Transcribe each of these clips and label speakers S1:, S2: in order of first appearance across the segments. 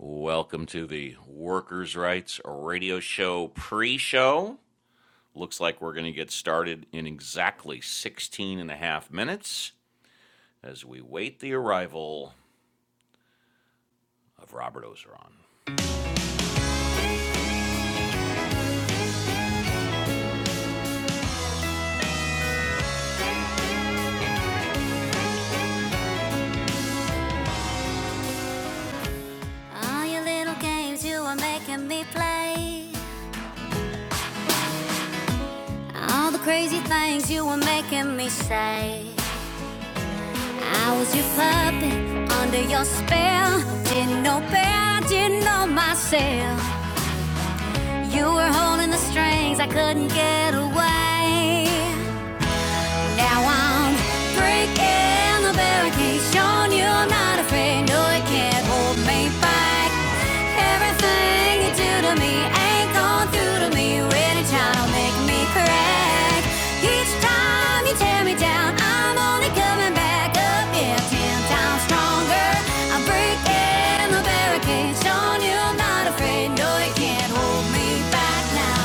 S1: Welcome to the Workers' Rights Radio Show pre show. Looks like we're going to get started in exactly 16 and a half minutes as we wait the arrival of Robert Ozeron. All your little games you were making me play. All the crazy things you were making me say. I was your puppet under your spell. Didn't know better, didn't know myself. You were holding the strings, I couldn't get away. Now I'm breaking the barricades, showing you I'm not afraid. No, it can't hold me back. Everything you do to me ain't gone through to me. Really trying to make me crack. Each time you tear me down, I'm only coming back up. Yeah, ten times stronger. I'm breaking the barricades, showing you I'm not afraid. No, it can't hold me back now.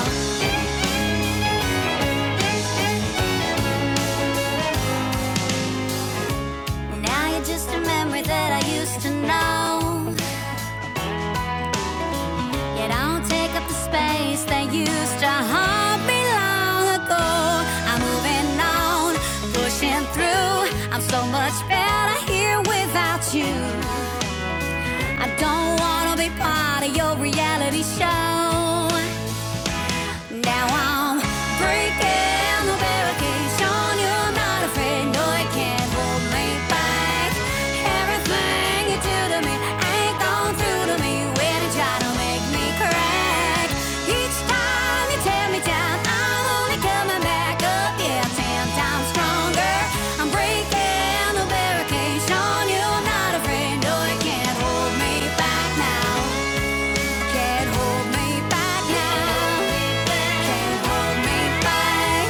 S1: Now you're just a memory that I used to know. You don't take up the space that used to haunt me long ago. I'm moving on, pushing through. I'm so much better here without you. I don't wanna be part of your reality show. Now I'm breaking the barricades, showing you're not afraid. No, it can't hold me back. Everything you do to me ain't gone through to me when you try to make me crack. Each time you tear me down, I'm only coming back up, yeah, ten times stronger. I'm breaking the barricades, showing you're not afraid. No, it can't hold me back now. Can't hold me back now. Can't hold me back.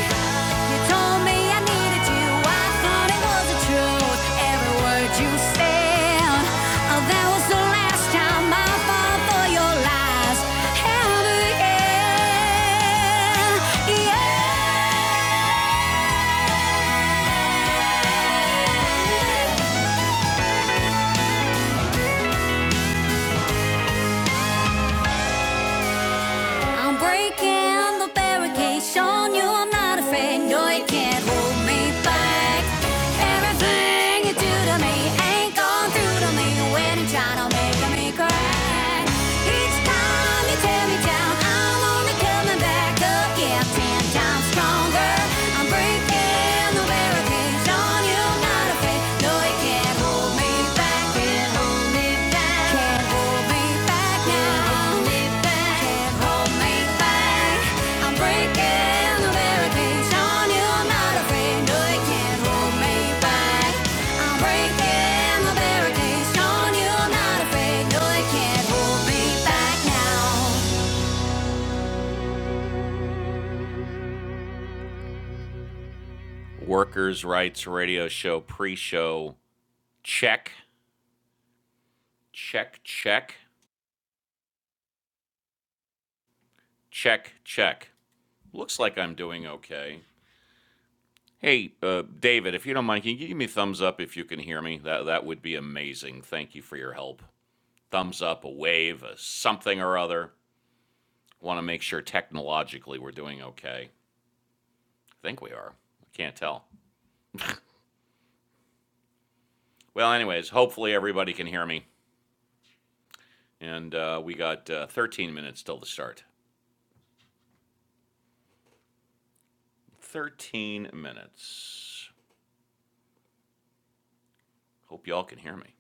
S1: You told me I needed you. I thought it was the truth. Every word you said. Oh, that was the last time I fall for your lies. Ever again. Yeah. I'm breaking the barricades, showing you I'm not afraid. No, you can't hold me back. Everything you do to me ain't gone through to me when you're trying to make me cry. Each time you tear me down, I'm only coming back up, yeah, ten times stronger. I'm breaking the barricades, showing you I'm not afraid. Workers' Rights Radio Show pre show. Check, check, check, check, check. Looks like I'm doing okay. Hey, uh, David, if you don't mind, can you give me a thumbs up if you can hear me? That that would be amazing. Thank you for your help. Thumbs up, a wave, a something or other. Want to make sure technologically we're doing okay. I think we are. I can't tell. Well, anyways, hopefully everybody can hear me. And uh, we got uh, 13 minutes till the start. 13 minutes. Hope y'all can hear me.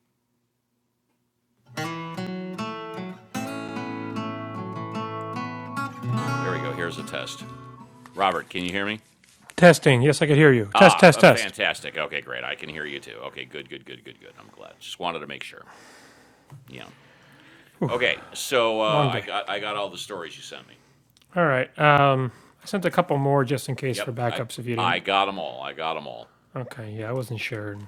S1: There we go. Here's a test. Robert, can you hear me?
S2: Testing. Yes, I could hear you. Test,
S1: Ah, f-
S2: test,
S1: uh,
S2: test.
S1: fantastic. Okay, great. I can hear you too. Okay, good, good, good, good, good. I'm glad. Just wanted to make sure. Yeah. Okay, so uh,
S2: Long
S1: I
S2: day.
S1: got I got all the stories you sent me.
S2: All right. Um, I sent a couple more just in case for
S1: Yep, I
S2: backups if you
S1: I
S2: didn't.
S1: got them all. I got them all.
S2: Okay. Yeah, I wasn't sure.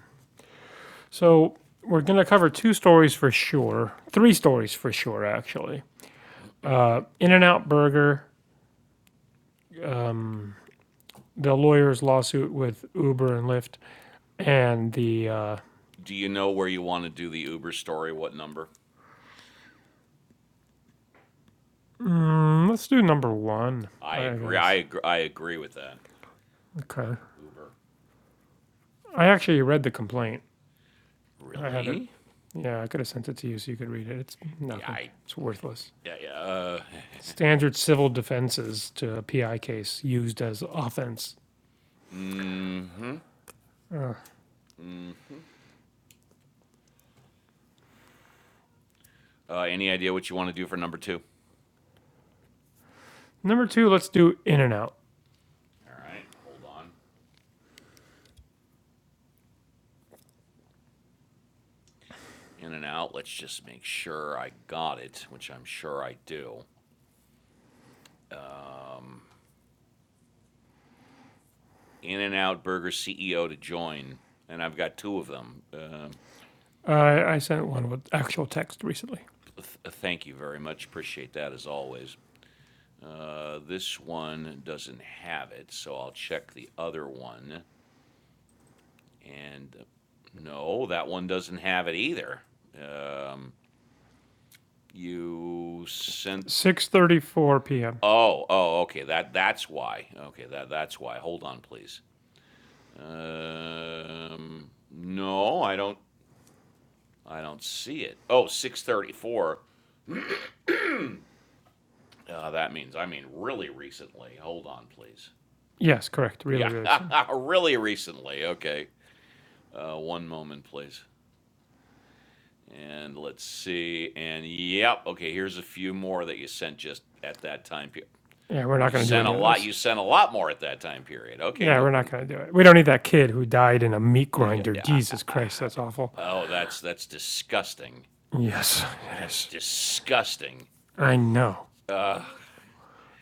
S2: So we're going to cover two stories for sure. Three stories for sure, actually. Uh, In and Out Burger, um, the lawyer's lawsuit with Uber and Lyft, and the. Uh,
S1: Do you know where you want to do the Uber story? What number?
S2: mm, let's do number one,
S1: I
S2: I
S1: agree. I
S2: guess.
S1: agree. I agree with that. Okay,
S2: Okay.
S1: Uber.
S2: I actually read the complaint. I have it
S1: Really?
S2: yeah, I could have sent it to you so you could read it. It's
S1: Yeah.
S2: nothing.
S1: I,
S2: It's worthless.
S1: yeah. Yeah. Uh,
S2: standard civil defenses to a PI case used as offense.
S1: mm-hmm.
S2: Uh,
S1: Mm-hmm. Uh, any idea what you want to do for number two?
S2: number two, let's do in and out.
S1: All right, hold on. In and Out. Let's just make sure I got it, which I'm sure I do. In and Out Burger CEO to join, and I've got two of them. Uh,
S2: I I sent one with actual text recently.
S1: th- uh, thank you very much. Appreciate that as always. Uh, this one doesn't have it, so I'll check the other one. And uh, no, that one doesn't have it either. Um, you sent.
S2: 6:34 p.m.
S1: Oh, oh, okay. That that's why. Okay, that that's why. Hold on, please. Um, no, I don't. I don't see it. oh six thirty four Uh, that means I mean really recently. Hold on, please.
S2: Yes, correct. Really,
S1: Yeah,
S2: really soon.
S1: really recently. Okay. Uh, one moment, please. And let's see. And yep. Okay, here's a few more that you sent just at that time period.
S2: Yeah, we're not
S1: You
S2: going to do
S1: sent
S2: any
S1: a
S2: of
S1: lot.
S2: those.
S1: You sent a lot more at that time period. Okay,
S2: Yeah,
S1: no
S2: we're not
S1: problem.
S2: going to do it. We don't need that kid who died in a meat grinder. Jesus Christ, that's awful.
S1: Oh, that's that's disgusting.
S2: Yes, it
S1: That's
S2: is.
S1: disgusting.
S2: I know.
S1: Uh,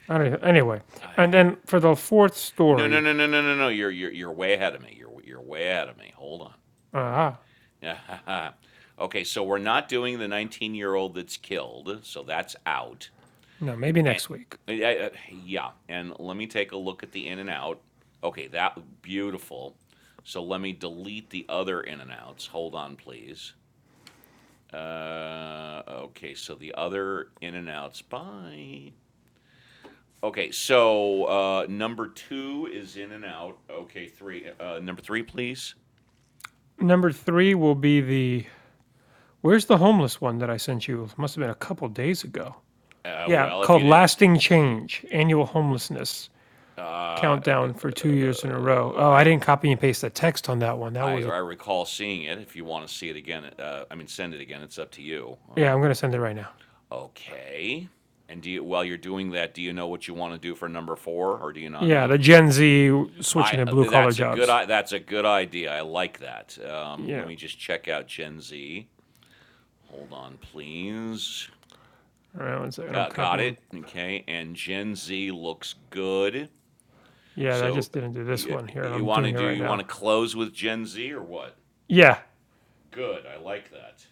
S2: I don't. even, Anyway, and then for the fourth
S1: No, no,
S2: story,
S1: no, no, no, no, no. You're you're you're way ahead of me. You're you're way ahead of me. Hold
S2: ah, uh,
S1: on. okay, so we're not doing the 19-year-old that's killed, so that's out.
S2: no, maybe
S1: And
S2: next week.
S1: uh, uh, yeah, and let me take a look at the in and out. Okay, that beautiful. So let me delete the other in and outs. Hold on, please. Uh, okay, so the other in and outs. Bye. Okay, so uh, number two is in and out. Okay, three. Uh, number three, please.
S2: Number three will be the Where's the homeless one that I sent you? It Must have been a couple days ago.
S1: Uh,
S2: Yeah,
S1: well, if
S2: called
S1: you didn't,
S2: Lasting Change Annual Homelessness
S1: uh,
S2: Countdown for two years in a row. Oh, I
S1: I,
S2: didn't copy and paste the text on that one. That
S1: I,
S2: was a.
S1: I recall seeing it. If you want to see it again, uh, I mean, send it again. It's up to you.
S2: Yeah, I'm
S1: Um,
S2: going to send it right now.
S1: okay. And do you, while you're doing that, do you know what you want to do for number four, or do you not
S2: Yeah, the
S1: know?
S2: Gen Z switching
S1: I
S2: to blue collar
S1: that's a good
S2: jobs.
S1: that's a good idea. I like that. Um,
S2: Yeah,
S1: let me just check out Gen Z. Hold on, please.
S2: all right, one second. I'm
S1: Uh, got
S2: copying.
S1: it. Okay, and Gen Z looks good.
S2: Yeah, I
S1: So
S2: just didn't do this
S1: you,
S2: one here,
S1: you
S2: I'm
S1: want to
S2: doing it
S1: do
S2: right
S1: you want
S2: now.
S1: to close with Gen Z or what?
S2: Yeah.
S1: Good. I like that.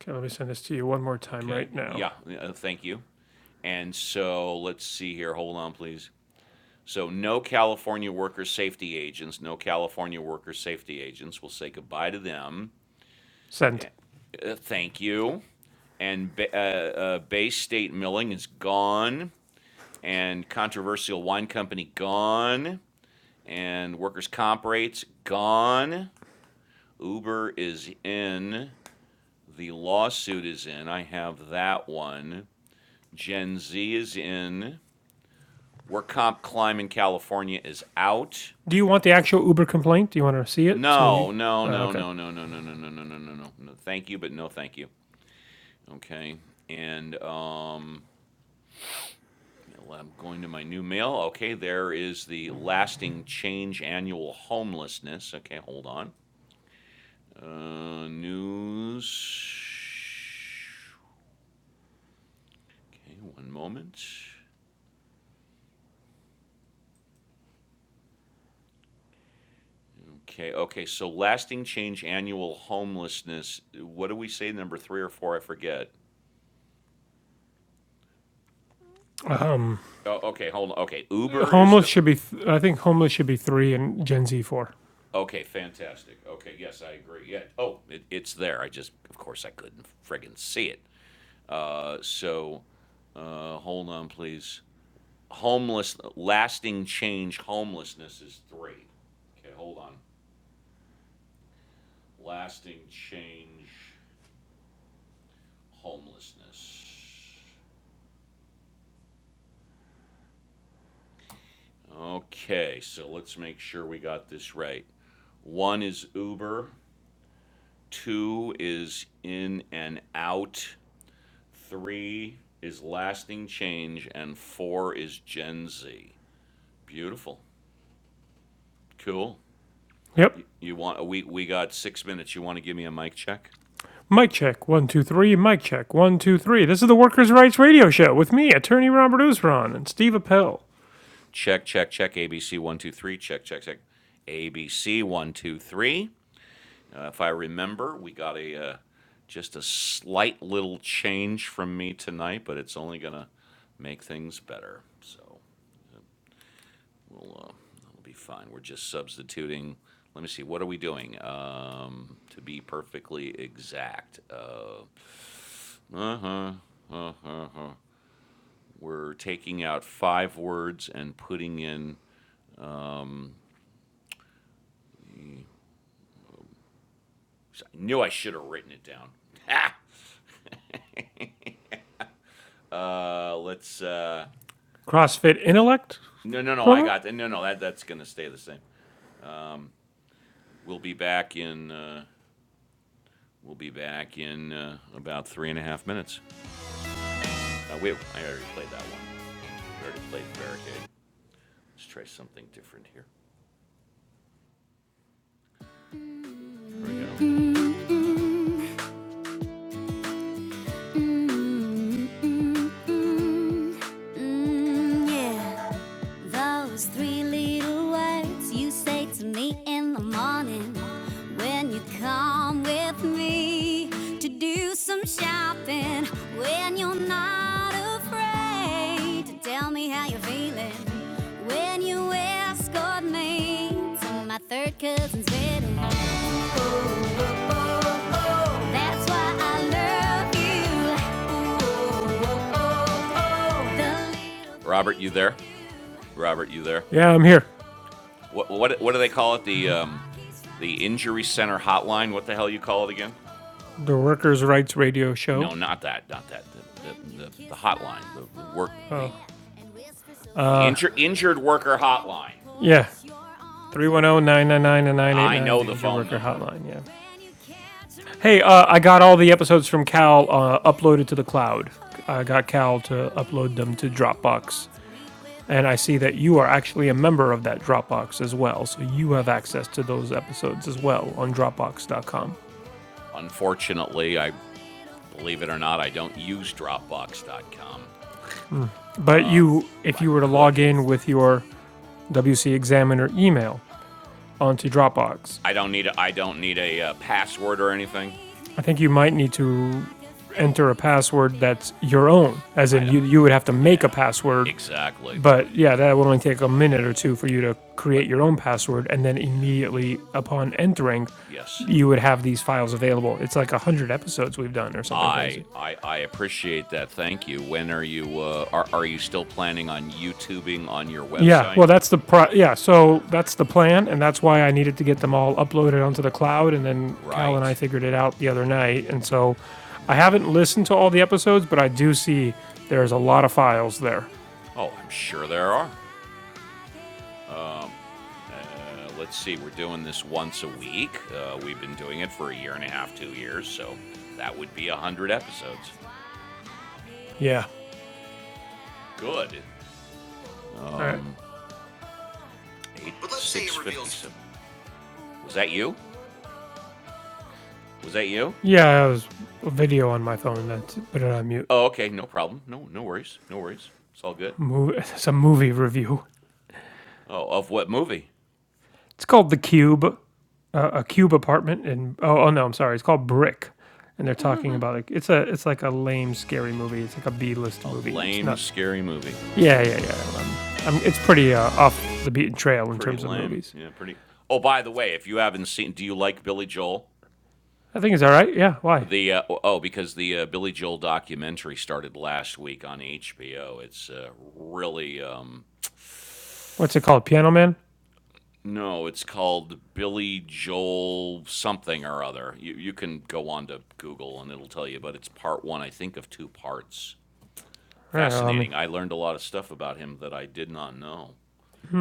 S2: Okay, let me send this to you one more time
S1: Okay.
S2: right now.
S1: Yeah. uh, Thank you. And so let's see here. Hold on, please. So, no California worker safety agents, no California worker safety agents. We'll say goodbye to them.
S2: Send.
S1: Uh, thank you. And ba- uh, uh, Bay State Milling is gone, and Controversial Wine Company gone, and workers' comp rates gone. Uber is in. The lawsuit is in. I have that one. Gen Z is in. Work comp climb in California is out.
S2: Do you want the actual Uber complaint? Do you want to see it? So
S1: No,
S2: you.
S1: no,
S2: Uh,
S1: no,
S2: okay.
S1: no, no, no, no, no, no, no, no, no, no. No, thank you, but no, thank you. Okay, and um, yeah, I'm going to my new mail. Okay, there is the lasting change annual homelessness. Okay, hold on. Uh, news. Okay, one moment. Okay, okay, so lasting change, annual homelessness, what do we say, number three or four, I forget.
S2: Um,
S1: Oh, okay, hold on, okay, Uber is
S2: Homeless
S1: the,
S2: should be. Th- I think homeless should be three and Gen Z four.
S1: okay, fantastic, okay, yes, I agree, yeah, oh, it, it's there, I just, of course, I couldn't friggin' see it. Uh, so, uh, hold on, please. Homeless, lasting change, homelessness is three. Okay, hold on. Lasting change, homelessness. Okay, so let's make sure we got this right. One is Uber, two is in and out, three is lasting change, and four is Gen Z. Beautiful. Cool.
S2: Yep.
S1: You, you want we we got six minutes. You want to give me a mic check?
S2: Mic check one two three. Mic check one two three. This is the Workers' Rights Radio Show with me, attorney Robert Usron and Steve Appel.
S1: Check, check, check. ABC one, two, three, check, check, check. ABC one, two, three. Uh, if I remember, we got a uh, just a slight little change from me tonight, but it's only gonna make things better. So we'll uh, we'll be fine. We're just substituting. Let me see. What are we doing? Um, to be perfectly exact, uh huh, uh huh. We're taking out five words and putting in. I knew I should have written it down. Ha! uh, let's uh,
S2: CrossFit Intellect
S1: No, no, no. I
S2: promo.
S1: got that. No, no. That that's gonna stay the same. We'll be back in. Uh, we'll be back in uh, about three and a half minutes. Uh, wait, I already played that one. I already played barricade. Let's try something different here. Here we go. Mm, mm, mm, mm, yeah. Those three little words you say to me in the morning when you come with me to do some shopping. When you're not afraid to tell me how you're feeling. When you escort me to my third cousin's wedding. Robert, you there? Robert, you there?
S2: Yeah, I'm here.
S1: What what what do they call it? The um, the injury center hotline. What the hell you call it again?
S2: The Workers' Rights Radio
S1: No,
S2: Show.
S1: not that. Not that. The, the, the, the hotline. The, work. The,
S2: Oh,
S1: the
S2: uh,
S1: injur- injured worker hotline.
S2: yeah. three one zero nine nine nine nine eight
S1: I
S2: nine
S1: know
S2: the
S1: the
S2: injured
S1: phone
S2: worker
S1: number.
S2: hotline, yeah. Hey, uh, I got all the episodes from Cal uh, uploaded to the cloud. I got Cal to upload them to Dropbox And I see that you are actually a member of that Dropbox as well. So you have access to those episodes as well on Dropbox.com.
S1: Unfortunately, I Believe it or not, I don't use Dropbox.com.
S2: But
S1: Uh,
S2: you, if
S1: I
S2: you were to
S1: could.
S2: log in with your WC Examiner email onto Dropbox,
S1: I don't need a, I don't need a uh, password or anything.
S2: I think you might need to enter a password that's your own, as
S1: I
S2: in
S1: don't.
S2: you, you would have to make a
S1: Yeah,
S2: password.
S1: exactly.
S2: But yeah, that would only take a minute or two for you to create your
S1: But
S2: own password. And then
S1: yeah.
S2: immediately upon entering,
S1: Yes.
S2: you would have these files available. It's like 100 episodes we've done or something
S1: I
S2: crazy.
S1: I I appreciate that. Thank you. When are you uh, are are you still planning on YouTubing on your
S2: Yeah,
S1: website?
S2: well, that's the pro, yeah, so that's the plan, and that's why I needed to get them all uploaded onto the cloud, and then Cal and I
S1: Right.
S2: figured it out the other night, and so I haven't listened to all
S1: Mm-hmm.
S2: the episodes, but I do see there's a lot of files there.
S1: Oh, I'm sure there are. Uh, let's see, we're doing this once a week. Uh, we've been doing it for a year and a half, two years, so that would be 100 episodes.
S2: Yeah,
S1: Good.
S2: all right.
S1: Eight six fifty seven. Was that you? Was that you?
S2: Yeah, it was a video on my phone. That's put it on mute.
S1: Oh, okay, no problem. No, no worries. No worries. It's all good.
S2: Move, it's a movie review.
S1: Oh, of what movie?
S2: It's called The Cube, uh, a cube apartment, and oh, oh no, I'm sorry, it's called Brick, and they're talking about like it's a it's like a lame scary movie. It's like a B list
S1: A
S2: movie. It's
S1: lame,
S2: not
S1: scary movie.
S2: Yeah, yeah, yeah. Um, I'm, it's pretty uh, off the beaten trail in
S1: Pretty
S2: terms of
S1: lame.
S2: movies.
S1: Yeah, pretty. Oh, by the way, if you haven't seen, do you like Billy Joel?
S2: I think it's all right. Yeah. Why?
S1: The uh, oh, because the uh, Billy Joel documentary started last week on HBO. It's uh, really um,
S2: What's it called? Piano Man.
S1: no, it's called Billy Joel something or other. You you can go on to Google and it'll tell you, but it's part one, I think, of two parts.
S2: All right, well, I mean,
S1: fascinating. I learned a lot of stuff about him that I did not know.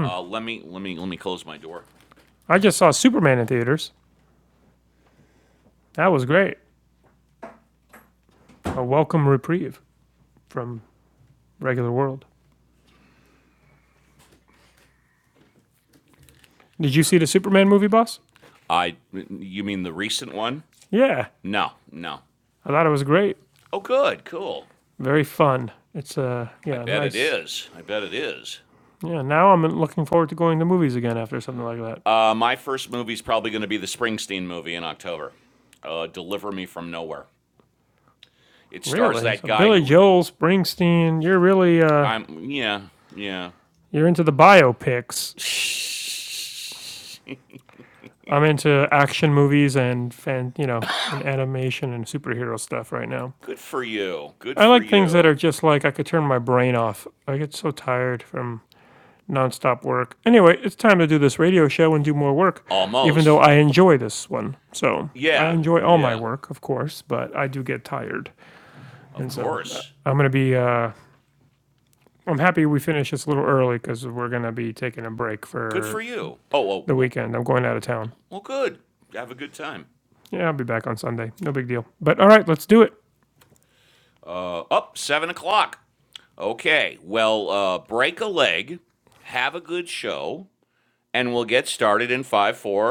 S1: Uh, let me let me let me close my door.
S2: I just saw Superman in theaters. That was great. A welcome reprieve from regular world. Did you see the Superman movie, boss?
S1: I you mean the recent one?
S2: Yeah,
S1: No, no.
S2: I thought it was great.
S1: Oh, good, cool.
S2: Very fun. It's uh,
S1: I
S2: yeah,
S1: bet it
S2: nice.
S1: is. I bet it is.
S2: Yeah, now I'm looking forward to going to movies again after something like that.
S1: Uh, my first movie's probably going to be the Springsteen movie in October. Uh, Deliver Me from Nowhere. It stars
S2: Really?
S1: that
S2: So
S1: guy
S2: Billy
S1: who
S2: Joel, Springsteen, you're really uh,
S1: I'm. Yeah, yeah.
S2: you're into the biopics. I'm into action movies and fan, you know, and animation and superhero stuff right now.
S1: Good for you. Good
S2: I
S1: for
S2: like things that
S1: you.
S2: are just like I could turn my brain off. I get so tired from nonstop work. Anyway, it's time to do this radio show and do more work, even though
S1: Almost.
S2: I enjoy this one. So I
S1: Yeah,
S2: enjoy all my
S1: yeah.
S2: work, of course, but I do get tired.
S1: Of
S2: And so uh,
S1: course.
S2: I'm going to be, uh, I'm happy we finished this a little early because we're going to be taking a break
S1: Good for
S2: for
S1: you. Oh, well,
S2: the
S1: well,
S2: weekend. I'm going out of town.
S1: well, good. Have a good time.
S2: Yeah, I'll be back on Sunday. No big deal. But all right, let's do it.
S1: Uh, up, seven o'clock. Okay. Well, uh, break a leg, have a good show, and we'll get started in five, four,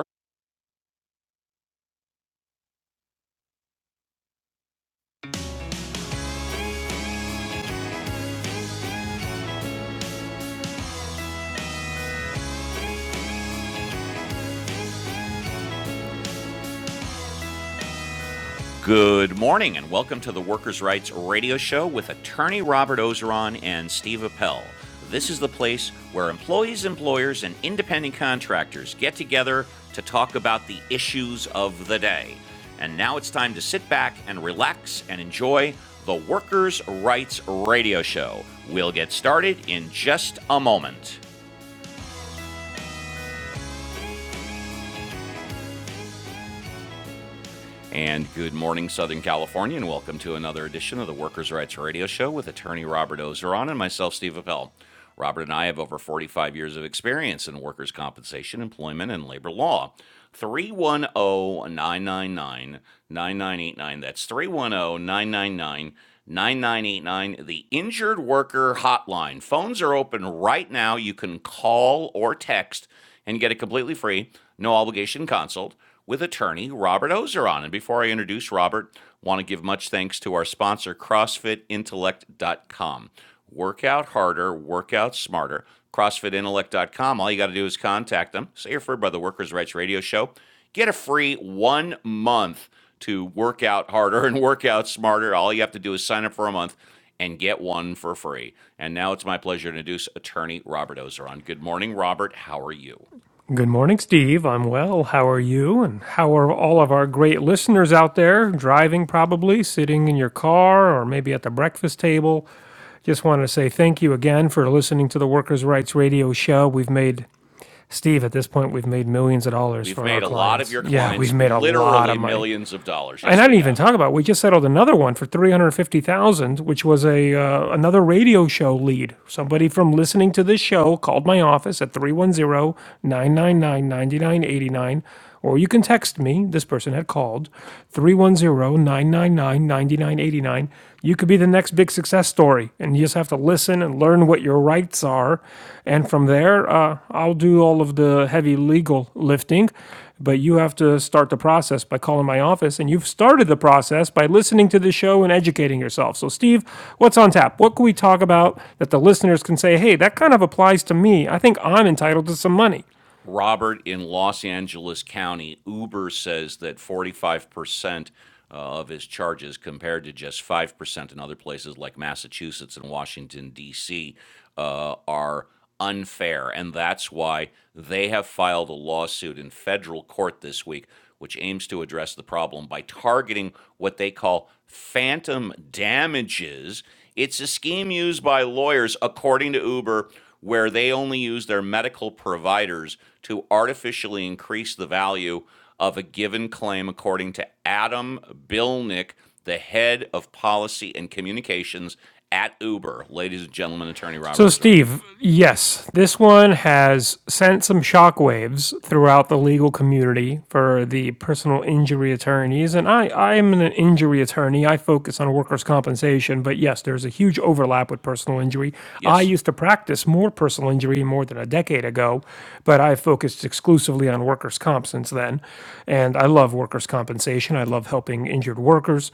S1: Good morning, and welcome to the Workers' Rights Radio Show with attorney Robert Ozeron and Steve Appel. This is the place where employees, employers, and independent contractors get together to talk about the issues of the day. And now it's time to sit back and relax and enjoy the Workers' Rights Radio Show. We'll get started in just a moment. And good morning, Southern California, and welcome to another edition of the Workers' Rights Radio Show with attorney Robert Ozeron and myself, Steve Appel. Robert and I have over 45 years of experience in workers' compensation, employment, and labor law. 310 999 9989. That's 310 999 9989. the Injured Worker Hotline. Phones are open right now. You can call or text and get a completely free, no obligation consult with attorney Robert Ozeron. And before I introduce Robert, want to give much thanks to our sponsor, CrossFitIntellect.com. Work out harder, work out smarter. CrossFitIntellect.com. All you got to do is contact them. Say you're referred by the Workers' Rights Radio Show. Get a free one month to work out harder and work out smarter. All you have to do is sign up for a month and get one for free. And now it's my pleasure to introduce attorney Robert Ozeron. Good morning, Robert. How are you?
S2: Good morning, Steve. I'm well. How are you? And how are all of our great listeners out there driving, probably sitting in your car or maybe at the breakfast table? Just wanted to say thank you again for listening to the Workers' Rights Radio show. We've made, Steve, at this point, we've made millions of dollars
S1: We've
S2: for our
S1: made a lot of
S2: clients.
S1: your
S2: Yeah, we've
S1: clients
S2: made a lot of
S1: literally
S2: money
S1: millions of dollars.
S2: and
S1: Yes,
S2: I
S1: we
S2: didn't even
S1: have.
S2: talk about. it. We just settled another one for three hundred fifty thousand, dollars, which was a uh, another radio show lead. Somebody from listening to this show called my office at three one zero nine nine nine ninety nine eighty nine, or you can text me. This person had called three one zero nine nine nine ninety nine eighty nine. You could be the next big success story, and you just have to listen and learn what your rights are, and from there, uh, I'll do all of the heavy legal lifting but you have to start the process by calling my office. And you've started the process by listening to the show and educating yourself. So, Steve, what's on tap? What can we talk about that the listeners can say, hey, that kind of applies to me? I think I'm entitled to some money.
S1: Robert in Los Angeles County, Uber says that 45% uh, of his charges compared to just 5% in other places like Massachusetts and Washington, D.C., uh, are unfair. And that's why they have filed a lawsuit in federal court this week, which aims to address the problem by targeting what they call phantom damages. It's a scheme used by lawyers, according to Uber, where they only use their medical providers to artificially increase the value of a given claim, according to Adam Bilnick, the head of policy and communications at Uber. Ladies and gentlemen, attorney Robert
S2: So,
S1: Ozeron.
S2: Steve, yes, this one has sent some shockwaves throughout the legal community for the personal injury attorneys. And I, I'm an injury attorney. I focus on workers' compensation. But yes, there's a huge overlap with personal injury. I
S1: Yes.
S2: used to practice more personal injury more than a decade ago, but I focused exclusively on workers' comp since then. And I love workers' compensation. I love helping injured workers.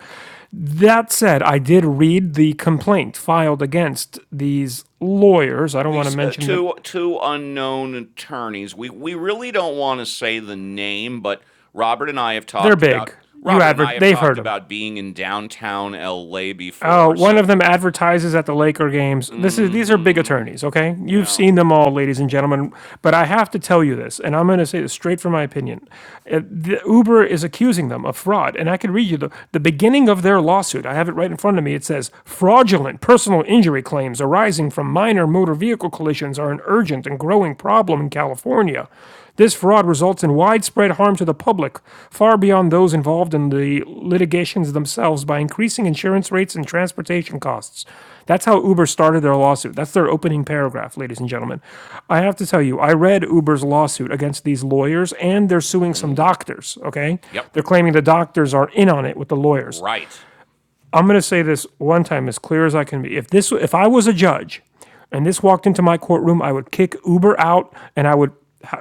S2: That said, I did read the complaint filed against these lawyers. I don't want to
S1: These uh,
S2: mention that
S1: two two unknown attorneys. We we really don't want to say the name, but Robert and I have
S2: they're
S1: talked
S2: big.
S1: about
S2: You
S1: Robert and I
S2: advert,
S1: have
S2: they've
S1: talked
S2: heard them.
S1: about being in downtown LA
S2: Oh,
S1: before.
S2: one of
S1: So,
S2: them advertises at the Laker games. This is
S1: mm
S2: these are big
S1: hmm
S2: attorneys, okay? You've
S1: yeah.
S2: seen them all, ladies and gentlemen. But I have to tell you this, and I'm going to say this straight from my opinion. Uh, the, Uber is accusing them of fraud, and I can read you the, the beginning of their lawsuit. I have it right in front of me. It says fraudulent personal injury claims arising from minor motor vehicle collisions are an urgent and growing problem in California. This fraud results in widespread harm to the public, far beyond those involved in the litigations themselves, by increasing insurance rates and transportation costs. That's how Uber started their lawsuit. That's their opening paragraph, ladies and gentlemen. I have to tell you, I read Uber's lawsuit against these lawyers, and they're suing
S1: mm Mhm.
S2: some doctors, okay?
S1: Yep.
S2: They're claiming the doctors are in on it with the lawyers.
S1: Right.
S2: I'm going to say this one time as clear as I can be. If this, if I was a judge, and this walked into my courtroom, I would kick Uber out, and I would,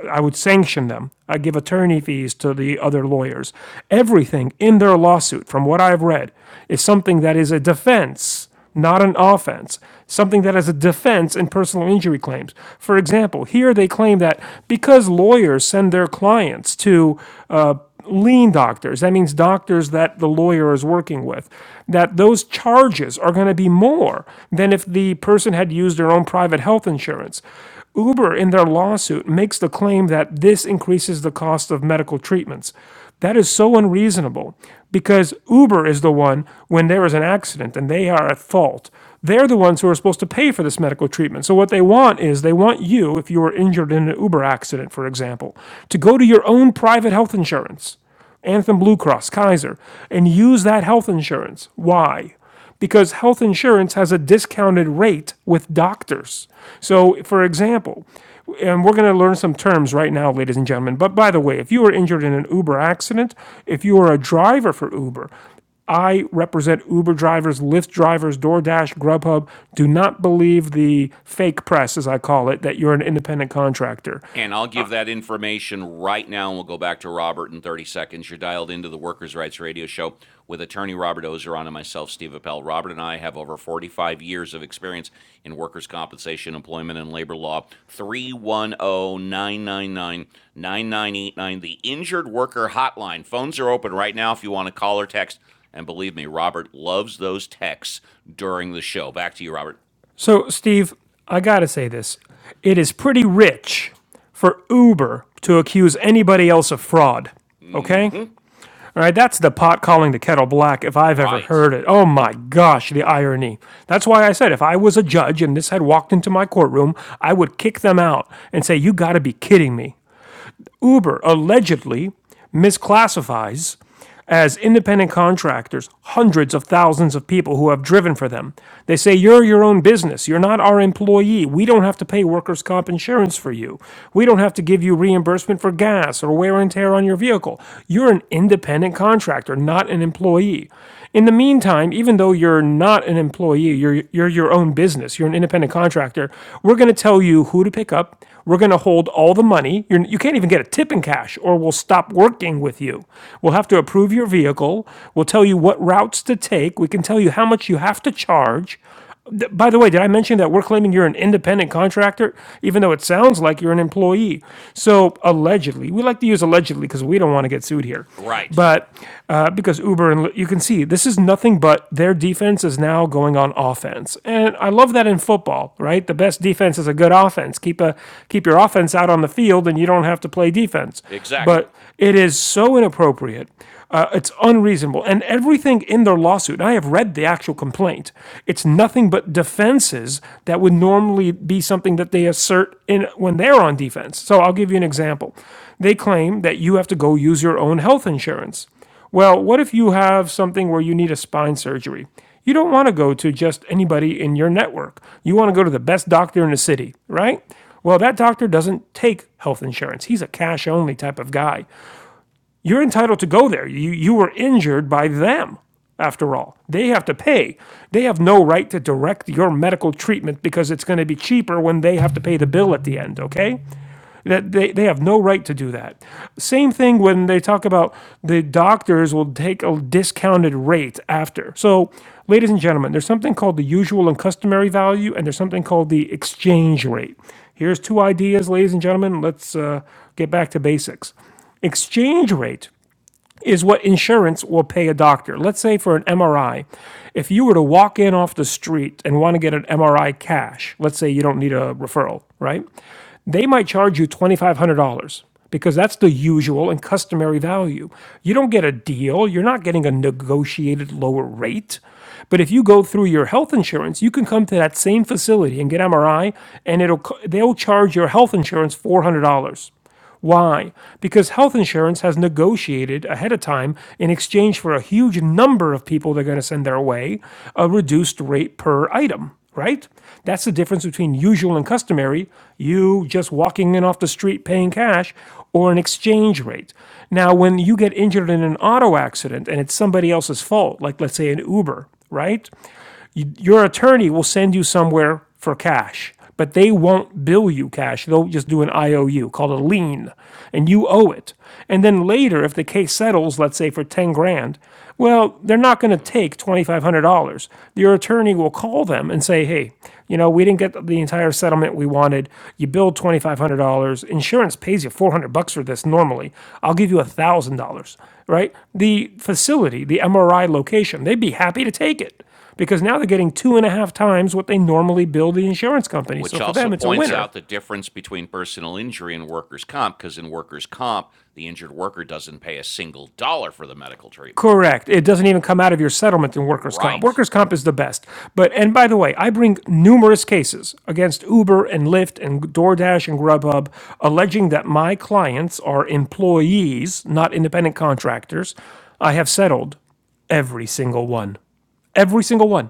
S2: I would sanction them. I give attorney fees to the other lawyers. Everything in their lawsuit, from what I've read, is something that is a defense, not an offense. Something that is a defense in personal injury claims. For example, here they claim that because lawyers send their clients to uh, lien doctors, that means doctors that the lawyer is working with, that those charges are going to be more than if the person had used their own private health insurance. Uber, in their lawsuit, makes the claim that this increases the cost of medical treatments. That is so unreasonable because Uber is the one, when there is an accident and they are at fault, they're the ones who are supposed to pay for this medical treatment. So, what they want is they want you, if you were injured in an Uber accident, for example, to go to your own private health insurance, Anthem Blue Cross, Kaiser, and use that health insurance. Why? because health insurance has a discounted rate with doctors. So, for example, and we're going to learn some terms right now, ladies and gentlemen. But by the way, if you were injured in an Uber accident, if you were a driver for Uber, I represent Uber drivers, Lyft drivers, DoorDash, Grubhub. Do not believe the fake press, as I call it, that you're an independent contractor.
S1: And I'll give that information right now, and we'll go back to Robert in 30 seconds. You're dialed into the Workers' Rights Radio Show with attorney Robert Ozeron and myself, Steve Appel. Robert and I have over 45 years of experience in workers' compensation, employment, and labor law. 310 999 9989, the Injured Worker Hotline. Phones are open right now if you want to call or text. And believe me, Robert loves those texts during the show. Back to you, Robert.
S2: So, Steve, I gotta say this. It is pretty rich for Uber to accuse anybody else of fraud, okay? All right, that's the pot calling the kettle black if I've ever
S1: Right.
S2: heard it. Oh my gosh, the irony. That's why I said if I was a judge and this had walked into my courtroom, I would kick them out and say, You gotta be kidding me. Uber allegedly misclassifies as independent contractors hundreds of thousands of people who have driven for them. They say, You're your own business. You're not our employee. We don't have to pay workers' comp insurance for you. We don't have to give you reimbursement for gas or wear and tear on your vehicle. You're an independent contractor, not an employee. In the meantime, even though you're not an employee, you're you're your own business. You're an independent contractor. We're going to tell you who to pick up. We're going to hold all the money. You're, you can't even get a tip in cash, or we'll stop working with you. We'll have to approve your vehicle. We'll tell you what routes to take. We can tell you how much you have to charge. Th- By the way, did I mention that we're claiming you're an independent contractor, even though it sounds like you're an employee? So allegedly, we like to use allegedly because we don't want to get sued here,
S1: Right.
S2: but uh, because Uber and you can see this is nothing but their defense is now going on offense, and I love that in football, right? The best defense is a good offense. Keep a keep your offense out on the field, and you don't have to play defense.
S1: Exactly.
S2: But it is so inappropriate uh, it's unreasonable. And everything in their lawsuit, I have read the actual complaint, it's nothing but defenses that would normally be something that they assert in when they're on defense. So I'll give you an example. They claim that you have to go use your own health insurance. Well, what if you have something where you need a spine surgery? You don't want to go to just anybody in your network. You want to go to the best doctor in the city, right? Well, that doctor doesn't take health insurance. He's a cash only type of guy. You're entitled to go there. You, you were injured by them, after all. They have to pay. They have no right to direct your medical treatment because it's going to be cheaper when they have to pay the bill at the end, okay? That they, they have no right to do that. Same thing when they talk about the doctors will take a discounted rate after. So, ladies and gentlemen, there's something called the usual and customary value, and there's something called the exchange rate. Here's two ideas, ladies and gentlemen. Let's uh, get back to basics. Exchange rate is what insurance will pay a doctor. Let's say for an MRI, if you were to walk in off the street and want to get an MRI cash, let's say you don't need a referral, right? They might charge you $2,500 because that's the usual and customary value. You don't get a deal, you're not getting a negotiated lower rate. But if you go through your health insurance, you can come to that same facility and get MRI and it'll they'll charge your health insurance $400. Why? Because health insurance has negotiated ahead of time, in exchange for a huge number of people they're going to send their way, a reduced rate per item, right? That's the difference between usual and customary, you just walking in off the street paying cash, or an exchange rate. Now, when you get injured in an auto accident and it's somebody else's fault, like let's say an Uber, right? your attorney will send you somewhere for cash, but they won't bill you cash. They'll just do an IOU called a lien, and you owe it. And then later, if the case settles, let's say for 10 grand, well, they're not going to take $2,500. Your attorney will call them and say, hey, you know, we didn't get the entire settlement we wanted. You billed $2,500. Insurance pays you 400 bucks for this normally. I'll give you $1,000, right? The facility, the MRI location, they'd be happy to take it because now they're getting two and a half times what they normally bill the insurance company. So
S1: Which
S2: for
S1: also
S2: them, it's a
S1: points
S2: winner.
S1: out the difference between personal injury and workers' comp, because in workers' comp, the injured worker doesn't pay a single dollar for the medical treatment.
S2: Correct. It doesn't even come out of your settlement in workers' comp.
S1: Right.
S2: Workers' comp is the best. But, and by the way, I bring numerous cases against Uber and Lyft and DoorDash and Grubhub alleging that my clients are employees, not independent contractors. I have settled every single one. Every single one.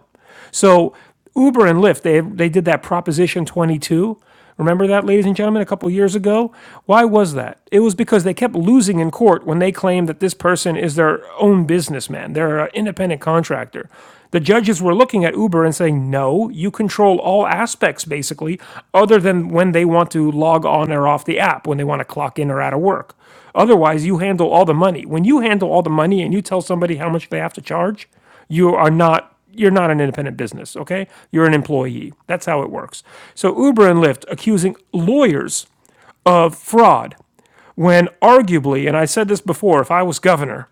S2: So Uber and Lyft, they they did that Proposition 22. Remember that, ladies and gentlemen, a couple years ago? Why was that? It was because they kept losing in court when they claimed that this person is their own businessman. They're an independent contractor. The judges were looking at Uber and saying, no, you control all aspects, basically, other than when they want to log on or off the app, when they want to clock in or out of work. Otherwise, you handle all the money. When you handle all the money and you tell somebody how much they have to charge, you are not you're not an independent business, okay? You're an employee. That's how it works. So Uber and Lyft accusing lawyers of fraud when arguably, and I said this before, if I was governor,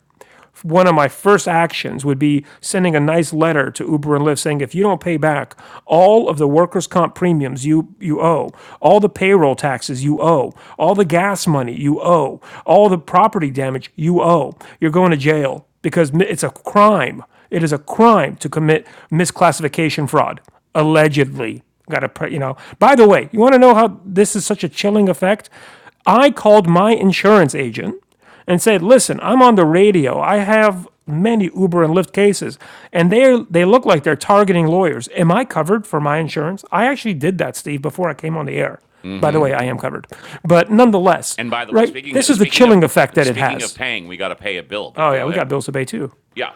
S2: one of my first actions would be sending a nice letter to Uber and Lyft saying, if you don't pay back all of the workers' comp premiums you, you owe, all the payroll taxes you owe, all the gas money you owe, all the property damage you owe, you're going to jail because it's a crime. It is a crime to commit misclassification fraud, allegedly. Got to, you know. By the way, you want to know how this is such a chilling effect? I called my insurance agent and said, "Listen, I'm on the radio. I have many Uber and Lyft cases, and they they look like they're targeting lawyers. Am I covered for my insurance?" I actually did that, Steve, before I came on the air. By the way, I am covered, but nonetheless,
S1: And by the way,
S2: right?
S1: speaking
S2: This is the
S1: speaking of
S2: chilling effect that it
S1: speaking of
S2: has.
S1: paying, we got to pay a bill. But
S2: Oh yeah,
S1: go
S2: we
S1: ahead.
S2: got bills to pay too.
S1: Yeah.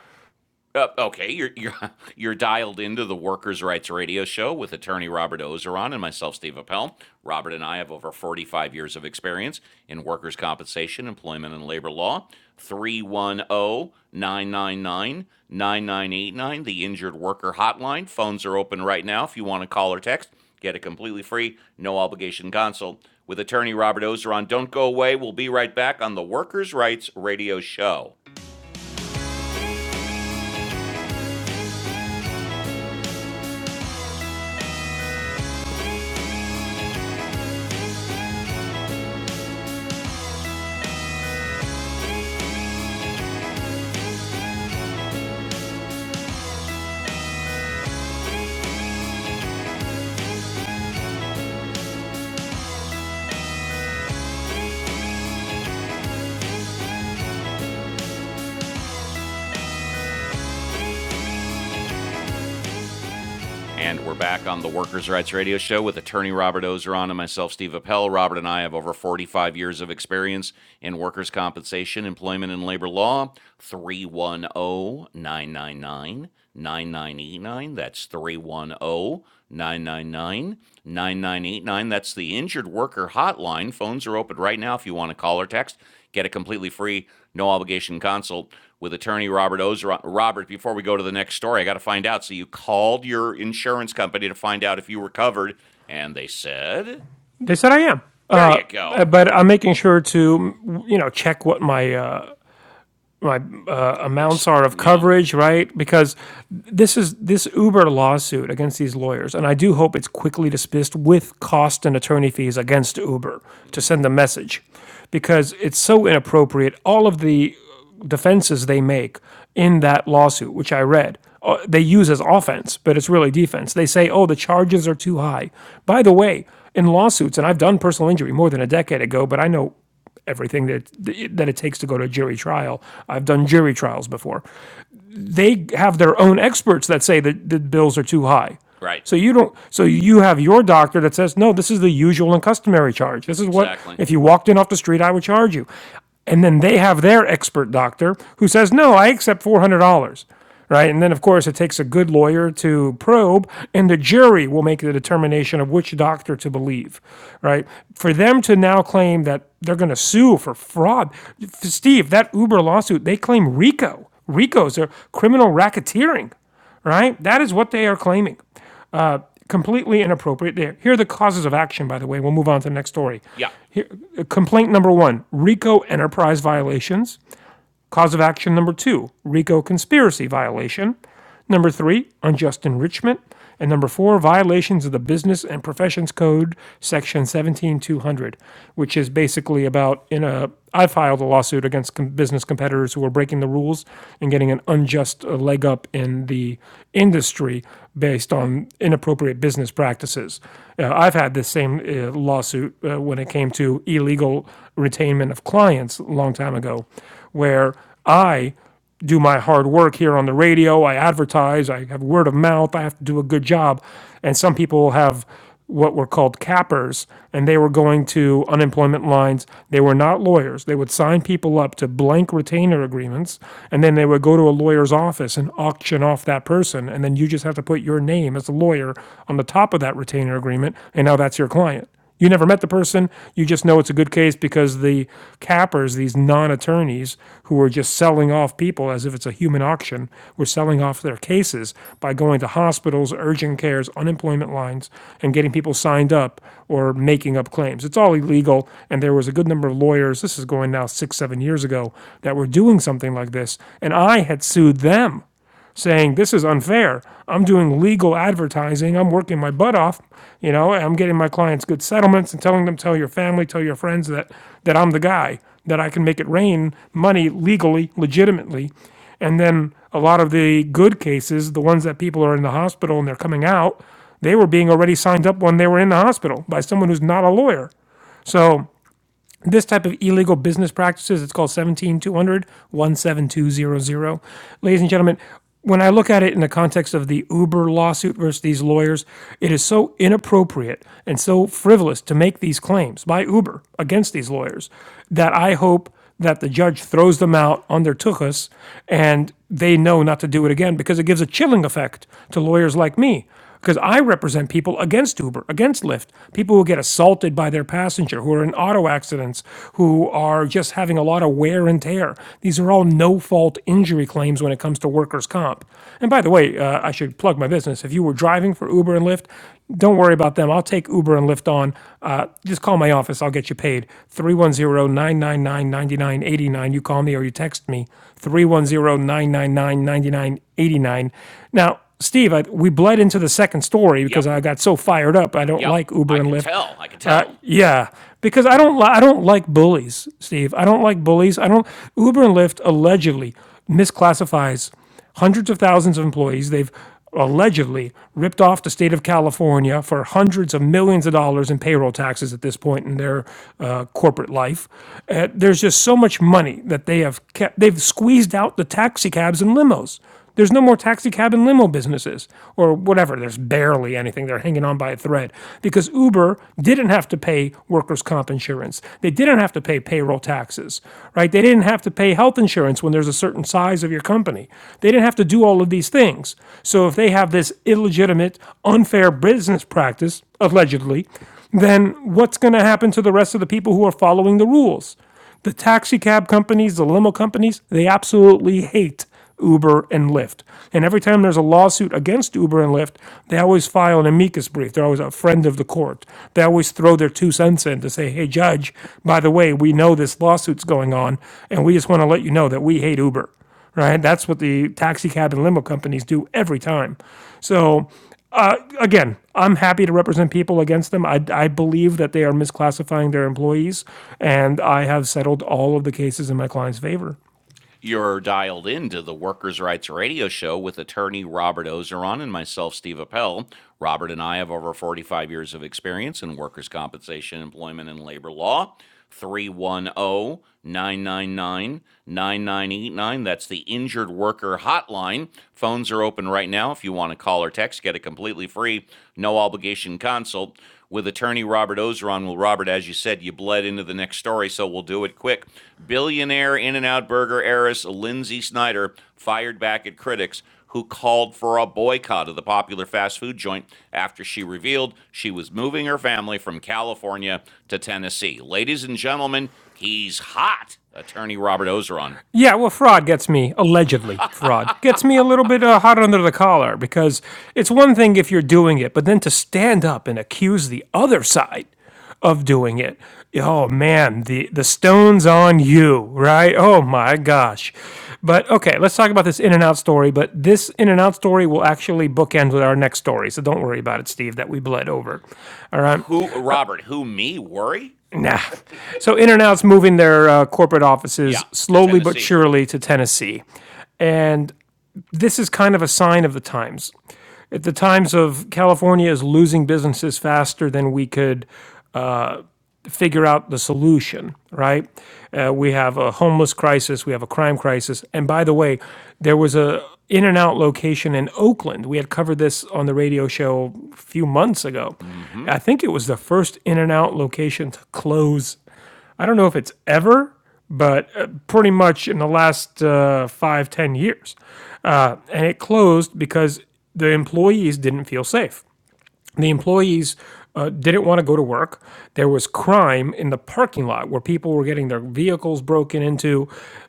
S1: Uh, okay, you're you're you're dialed into the Workers' Rights Radio Show with attorney Robert Ozeron and myself, Steve Appel. Robert and I have over 45 years of experience in workers' compensation, employment, and labor law. Three one o nine nine nine nine nine eight nine, the Injured Worker Hotline. Phones are open right now if you want to call or text. Get a completely free, no obligation consult with attorney Robert Ozeron. Don't go away. We'll be right back on the Workers' Rights Radio Show. And we're back on the Workers' Rights Radio Show with attorney Robert Ozeron and myself, Steve Appel. Robert and I have over 45 years of experience in workers' compensation, employment, and labor law. 310 999 9989. That's 310 999 9989. That's the injured worker hotline. Phones are open right now if you want to call or text. Get a completely free, no obligation consult with attorney Robert Ozeron. Robert, before we go to the next story, I got to find out. So you called your insurance company to find out if you were covered, and they said,
S2: They said I am,
S1: "There
S2: uh,
S1: you go."
S2: but I'm making sure to you know check what my uh, my uh,
S1: Ex-
S2: amounts are of
S1: yeah,
S2: coverage, right? Because this is this Uber lawsuit against these lawyers, and I do hope it's quickly dismissed with cost and attorney fees against Uber to
S1: Mm-hmm.
S2: send the message, because it's so inappropriate. All of the defenses they make in that lawsuit, which I read, uh, they use as offense, but it's really defense. They say, oh, the charges are too high. By the way, in lawsuits, and I've done personal injury more than a decade ago, but I know everything that that it takes to go to a jury trial. I've done jury trials before. They have their own experts that say that the bills are too high.
S1: right,
S2: So you don't so you have your doctor that says, "No, this is the usual and customary charge. This is what
S1: exactly.
S2: if you walked in off the street, I would charge you." And then they have their expert doctor who says, "No, I accept $400." right? And then, of course, it takes a good lawyer to probe, and the jury will make the determination of which doctor to believe, right? For them to now claim that they're going to sue for fraud, Steve, that Uber lawsuit, they claim RICO. RICO's are criminal racketeering, right? That is what they are claiming. Uh, completely inappropriate. There. Here are the causes of action, by the way. We'll move on to the next story.
S1: Yeah,
S2: Here, uh, complaint number one RICO enterprise violations. Cause of action number two RICO conspiracy violation. Number three, unjust enrichment. And number four, violations of the Business and Professions Code, Section 17200, which is basically about in a. I filed a lawsuit against com- business competitors who were breaking the rules and getting an unjust uh, leg up in the industry based on inappropriate business practices. Uh, I've had this same uh, lawsuit uh, uh, when it came to illegal retainment of clients a long time ago, where I do my hard work here on the radio. I advertise. I have word of mouth. I have to do a good job. And some people have what were called cappers, and they were going to unemployment lines. They were not lawyers. They would sign people up to blank retainer agreements, and then they would go to a lawyer's office and auction off that person. And then you just have to put your name as a lawyer on the top of that retainer agreement, and now that's your client. You never met the person. You just know it's a good case because the cappers, these non attorneys who are just selling off people as if it's a human auction, were selling off their cases by going to hospitals, urgent cares, unemployment lines, and getting people signed up or making up claims. It's all illegal. And there was a good number of lawyers, this is going now six, seven years ago, that were doing something like this. And I had sued them saying this is unfair. I'm doing legal advertising. I'm working my butt off. You know, I'm getting my clients good settlements and telling them, tell your family, tell your friends that that I'm the guy that I can make it rain money legally, legitimately. And then a lot of the good cases, the ones that people are in the hospital and they're coming out, they were being already signed up when they were in the hospital by someone who's not a lawyer. So this type of illegal business practices, it's called 17200 Ladies and gentlemen, when I look at it in the context of the Uber lawsuit versus these lawyers, it is so inappropriate and so frivolous to make these claims by Uber against these lawyers that I hope that the judge throws them out on their tuchus and they know not to do it again because it gives a chilling effect to lawyers like me. Because I represent people against Uber, against Lyft, people who get assaulted by their passenger, who are in auto accidents, who are just having a lot of wear and tear. These are all no fault injury claims when it comes to workers' comp. And by the way, uh, I should plug my business. If you were driving for Uber and Lyft, don't worry about about them, I'll take Uber and Lyft on. Uh, just call my office. I'll get you paid. Three one zero nine nine nine ninety nine eighty nine. You call me or you text me. Three one zero nine nine nine ninety nine eighty nine. Now, Steve, I, we bled into the second story because
S1: yep,
S2: I got so fired up. I don't
S1: yep.
S2: like Uber
S1: I
S2: and
S1: could
S2: Lyft.
S1: tell. I could
S2: Uh,
S1: tell.
S2: yeah, because I don't li- I don't like bullies, Steve. I don't like bullies. I don't Uber and Lyft allegedly misclassifies hundreds of thousands of employees. They've allegedly ripped off the state of California for hundreds of millions of dollars in payroll taxes at this point in their uh, corporate life. Uh, there's just so much money that they have kept. They've squeezed out the taxi cabs and limos. There's no more taxi cab and limo businesses or whatever. There's barely anything. They're hanging on by a thread because Uber didn't have to pay workers' comp insurance. They didn't have to pay payroll taxes, right? They didn't have to pay health insurance when there's a certain size of your company. They didn't have to do all of these things. So if they have this illegitimate, unfair business practice, allegedly, then what's going to happen to the rest of the people who are following the rules? The taxi cab companies, the limo companies, they absolutely hate Uber and Lyft. And every time there's a lawsuit against Uber and Lyft, they always file an amicus brief. They're always a friend of the court. They always throw their two cents in to say, hey, judge, by the way, we know this lawsuit's going on, and we just want to let you know that we hate Uber, right? That's what the taxi cab and limo companies do every time. So, uh, again, I'm happy to represent people against them. I, I believe that they are misclassifying their employees, and I have settled all of the cases in my client's favor.
S1: You're dialed into the Workers' Rights Radio Show with attorney Robert Ozeron and myself, Steve Appel. Robert and I have over 45 years of experience in workers' compensation, employment, and labor law. 310 999 9989. That's the injured worker hotline. Phones are open right now if you want to call or text. Get a completely free, no obligation consult with attorney Robert Ozeron. Well, Robert, as you said, you bled into the next story, so we'll do it quick. Billionaire In N Out Burger heiress Lindsay Snyder fired back at critics who called for a boycott of the popular fast food joint after she revealed she was moving her family from California to Tennessee. Ladies and gentlemen, he's hot, attorney Robert Ozeron.
S2: Yeah, well, fraud gets me, allegedly, fraud gets me a little bit uh, hot under the collar because it's one thing if you're doing it, but then to stand up and accuse the other side of doing it. Oh man, the the stone's on you, right? Oh my gosh. But okay, let's talk about this in n out story. But this in n out story will actually bookend with our next story, so don't worry about it, Steve, that we bled over. All right.
S1: Who, Robert, who, me, worry?
S2: Nah. So In and Out's moving their uh, corporate
S1: Yeah,
S2: offices
S1: to
S2: slowly but
S1: Tennessee.
S2: surely to Tennessee. And this is kind of a sign of the times. At the times of California is losing businesses faster than we could figure out the solution, right? Uh, we have a homeless crisis, we have a crime crisis, and by the way, there was a in n out location in Oakland. We had covered this on the radio show a few months ago.
S1: Mm-hmm.
S2: I think it was the first in n out location to close. I don't know if it's ever, but uh, pretty much in the last uh, five ten years, uh, and it closed because the employees didn't feel safe. The employees uh, didn't want to go to work. There was crime in the parking lot where people were getting their vehicles broken into,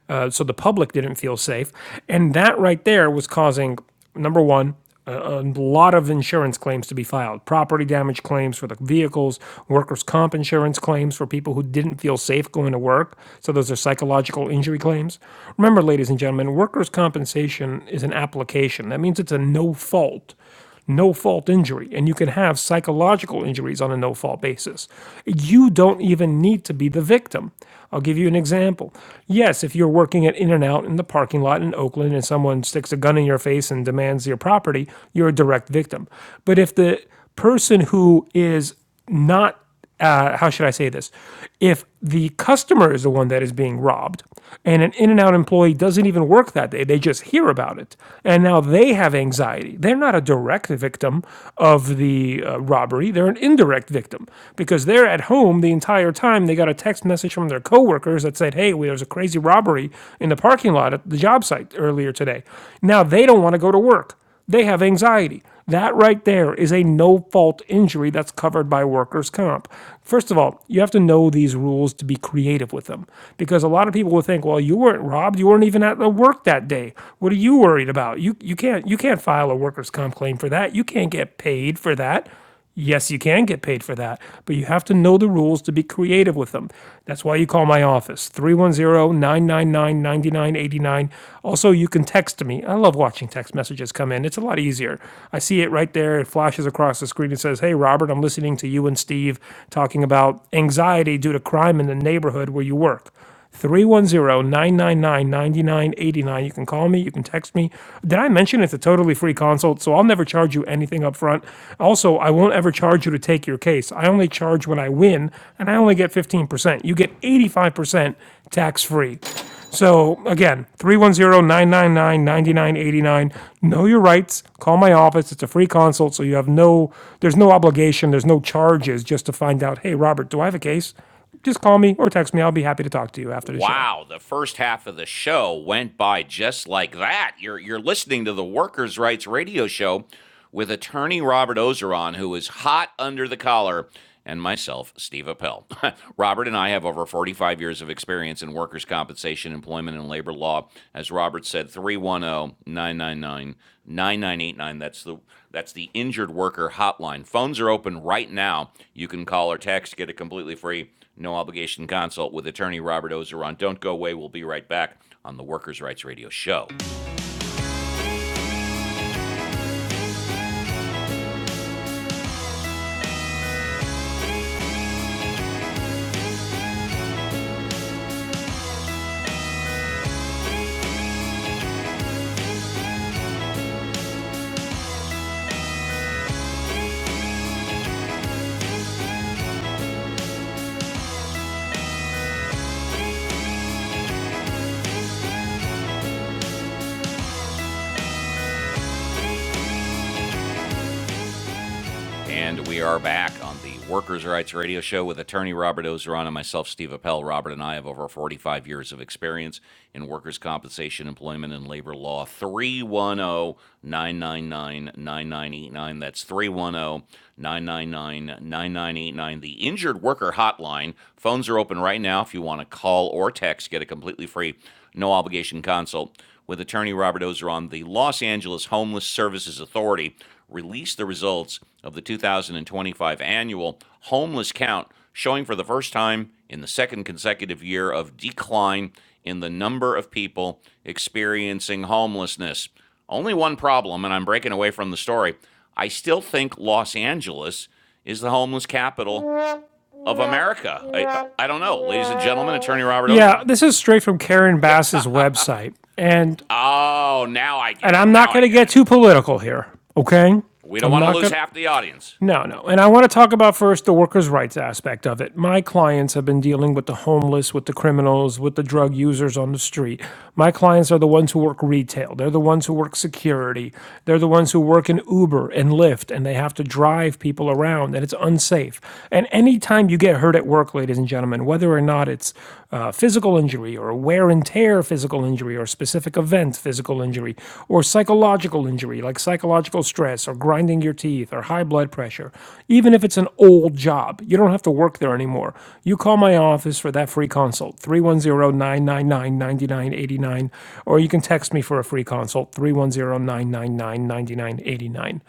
S2: uh, so the public didn't feel safe. And that right there was causing number one, a, a lot of insurance claims to be filed property damage claims for the vehicles, workers' comp insurance claims for people who didn't feel safe going to work. So, those are psychological injury claims. Remember, ladies and gentlemen, workers' compensation is an application. That means it's a no fault no fault injury, and you can have psychological injuries on a no fault basis. You don't even need to be the victim. I'll give you an example. Yes, if you're working at In N Out in the parking lot in Oakland and someone sticks a gun in your face and demands your property, you're a direct victim. But if the person who is not uh, how should I say this? If the customer is the one that is being robbed and an in n out employee doesn't even work that day, they just hear about it. And now they have anxiety. They're not a direct victim of the uh, robbery, they're an indirect victim because they're at home the entire time. They got a text message from their coworkers that said, Hey, well, there was a crazy robbery in the parking lot at the job site earlier today. Now they don't want to go to work. They have anxiety. That right there is a no fault injury that's covered by workers' comp. First of all, you have to know these rules to be creative with them because a lot of people will think, well, you weren't robbed. You weren't even at the work that day. What are you worried about? You, you, can't, you can't file a workers' comp claim for that. You can't get paid for that. Yes, you can get paid for that, but you have to know the rules to be creative with them. That's why you call my office, three one zero nine nine nine ninety nine eighty nine. Also, you can text me. I love watching text messages come in, it's a lot easier. I see it right there. It flashes across the screen and says, Hey, Robert, I'm listening to you and Steve talking about anxiety due to crime in the neighborhood where you work. Three one zero nine nine nine ninety nine eighty nine. You can call me, you can text me. Did I mention it's a totally free consult, so I'll never charge you anything up front. Also, I won't ever charge you to take your case. I only charge when I win, and I only get 15%. You get 85% tax-free. So again, three one zero nine nine nine ninety nine eighty nine. Know your rights. Call my office. It's a free consult, so you have no there's no obligation, there's no charges just to find out, "Hey Robert, do I have a case?" Just call me or text me. I'll be happy to talk to you after the show.
S1: Wow, the first half of the show went by just like that. You're you're listening to the Workers' Rights Radio Show with attorney Robert Ozeron, who is hot under the collar, and myself, Steve Appel. Robert and I have over 45 years of experience in workers' compensation, employment, and labor law. As Robert said, three one zero nine nine nine nine nine eight nine. That's the that's the injured worker hotline. Phones are open right now. You can call or text, get it completely free. No obligation consult with attorney Robert Ozeron. Don't go away. We'll be right back on the Workers' Rights Radio Show. And we are back on the Workers' Rights Radio Show with attorney Robert Ozeron and myself, Steve Appel. Robert and I have over 45 years of experience in workers' compensation, employment, and labor law. 310 999 9989. That's 310 999 9989. The Injured Worker Hotline. Phones are open right now if you want to call or text. Get a completely free, no obligation consult with attorney Robert Ozeron, the Los Angeles Homeless Services Authority released the results of the 2025 annual homeless count, showing for the first time in the second consecutive year of decline in the number of people experiencing homelessness. Only one problem, and I'm breaking away from the story. I still think Los Angeles is the homeless capital of America. I, I don't know. Ladies and gentlemen, attorney Robert
S2: Yeah,
S1: Ozeron.
S2: this is straight from Karen
S1: Yeah.
S2: Bass's website. And
S1: Oh, now I
S2: and
S1: get it.
S2: I'm not
S1: Now I
S2: going to
S1: get
S2: get
S1: it.
S2: too political here, okay?
S1: We don't
S2: I'm
S1: want to
S2: not
S1: lose
S2: going to
S1: half the audience.
S2: No, no. And I want to talk about first the workers' rights aspect of it. My clients have been dealing with the homeless, with the criminals, with the drug users on the street. My clients are the ones who work retail. They're the ones who work security. They're the ones who work in Uber and Lyft, and they have to drive people around, and it's unsafe. And anytime you get hurt at work, ladies and gentlemen, whether or not it's uh, physical injury or wear and tear physical injury or specific event physical injury or psychological injury like psychological stress or grinding your teeth or high blood pressure even if it's an old job you don't have to work there anymore you call my office for that free consult three one zero nine nine nine ninety nine eighty nine, or you can text me for a free consult three one zero nine nine nine ninety nine eighty nine.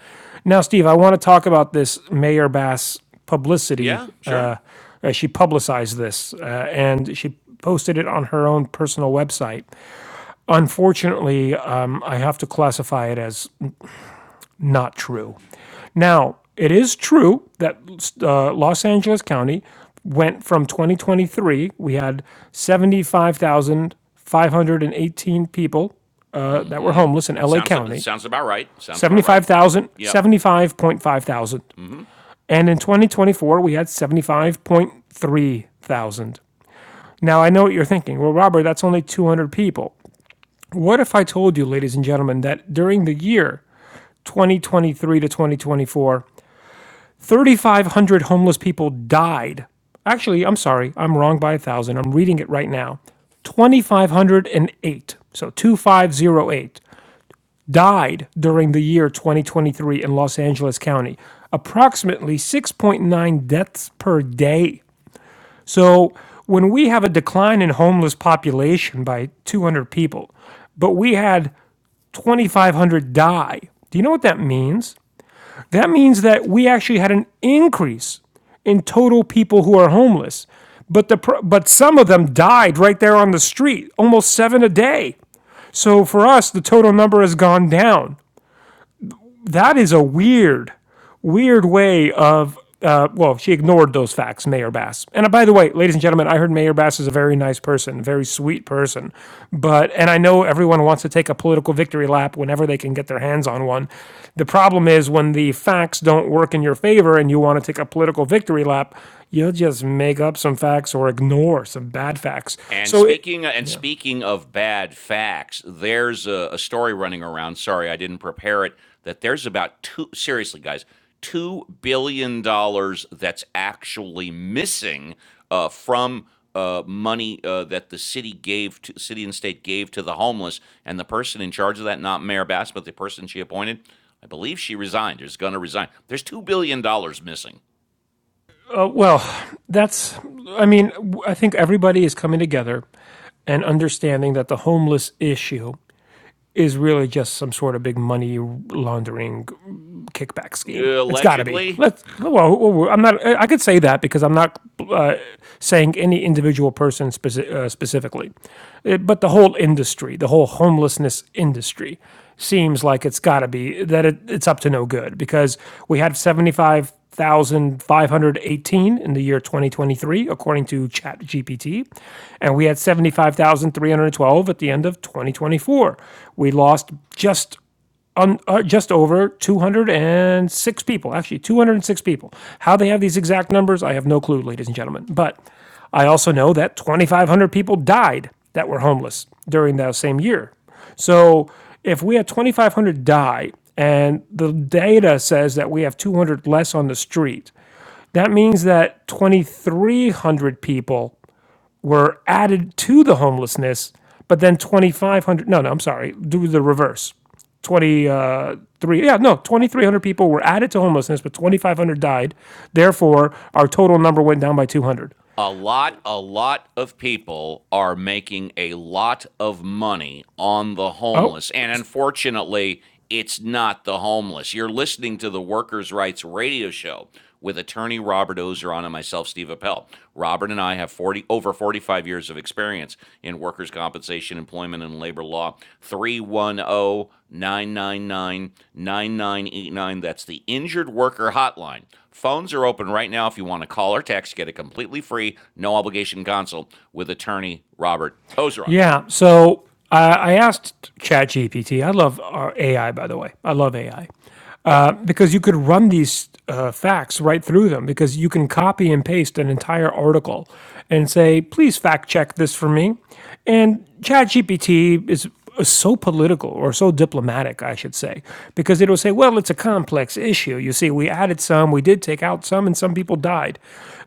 S2: now steve i want to talk about this mayor bass publicity
S1: Yeah, sure.
S2: uh, she publicized this uh, and she posted it on her own personal website Unfortunately, um, I have to classify it as not true. Now, it is true that uh, Los Angeles County went from 2023, we had 75,518 people uh, that were homeless in
S1: It
S2: LA
S1: sounds that
S2: County,
S1: sounds about right. Sounds about right.
S2: 75,000,
S1: Yep.
S2: 75.5 thousand. And in 2024, we had 75.3 thousand. Now, I know what you're thinking. Well, Robert, that's only 200 people. What if I told you, ladies and gentlemen, that during the year 2023 to 2024, 3,500 homeless people died? Actually, I'm sorry, I'm wrong by a thousand. I'm reading it right now. 2,508, so 2,508, died during the year 2023 in Los Angeles County. Approximately 6.9 deaths per day. So when we have a decline in homeless population by 200 people, but we had 2,500 die, do you know what that means? That means that we actually had an increase in total people who are homeless, but the but some of them died right there on the street, almost seven a day. So for us, the total number has gone down that is a weird, weird way of. Uh, well, she ignored those facts, Mayor Bass. And uh, by the way, ladies and gentlemen, I heard Mayor Bass is a very nice person, very sweet person. But and I know everyone wants to take a political victory lap whenever they can get their hands on one. The problem is when the facts don't work in your favor and you want to take a political victory lap, you'll just make up some facts or ignore some bad facts.
S1: And
S2: So it,
S1: speaking and
S2: yeah.
S1: speaking of bad facts, there's a, a story running around. Sorry, I didn't prepare it. That there's about two. Seriously, guys, two billion dollars that's actually missing uh, from uh, money uh, that the city gave, to, city and state gave to the homeless. And the person in charge of that, not Mayor Bass, but the person she appointed, I believe she resigned. Is going to resign. There's two billion dollars missing
S2: Uh, well, that's. I mean, I think everybody is coming together and understanding that the homeless issue is really just some sort of big money laundering mm, kickback scheme. It's got to be.
S1: allegedly
S2: Let's. Well, well, I'm not. I could say that because I'm not uh, saying any individual person speci- uh, specifically, Uh, but the whole industry, the whole homelessness industry, seems like it's got to be that it, it's up to no good because we had 75 5,518 in the year 2023, according to ChatGPT. And we had 75,312 at the end of 2024. We lost just un, uh, just over 206 people, actually 206 people. How they have these exact numbers, I have no clue, ladies and gentlemen. But I also know that 2,500 people died that were homeless during that same year. So if we have 2,500 die and the data says that we have 200 less on the street, that means that 2,300 people were added to the homelessness, but then 2,500, no, no, I'm sorry, do the reverse. 23 yeah no 2300 people were added to homelessness but 2500 died therefore our total number went down by 200
S1: a lot, a lot of people are making a lot of money on the
S2: oh
S1: homeless. And unfortunately, it's not the homeless. You're listening to the Workers' Rights Radio Show with attorney Robert Ozeron and myself, Steve Appel. Robert and I have 40, over 45 years of experience in workers' compensation, employment, and labor law. Three one o 999 9989. That's the Injured Worker Hotline. Phones are open right now if you want to call or text. Get a completely free, no obligation consult with attorney Robert Ozeron.
S2: Yeah. So I I asked ChatGPT. I love our AI, by the way. I love AI
S1: Yeah.
S2: uh, because you could run these uh, facts right through them because you can copy and paste an entire article and say, please fact check this for me. And ChatGPT is so political or so diplomatic, I should say, because it'll say, well, it's a complex issue. You see, we added some, we did take out some, and some people died.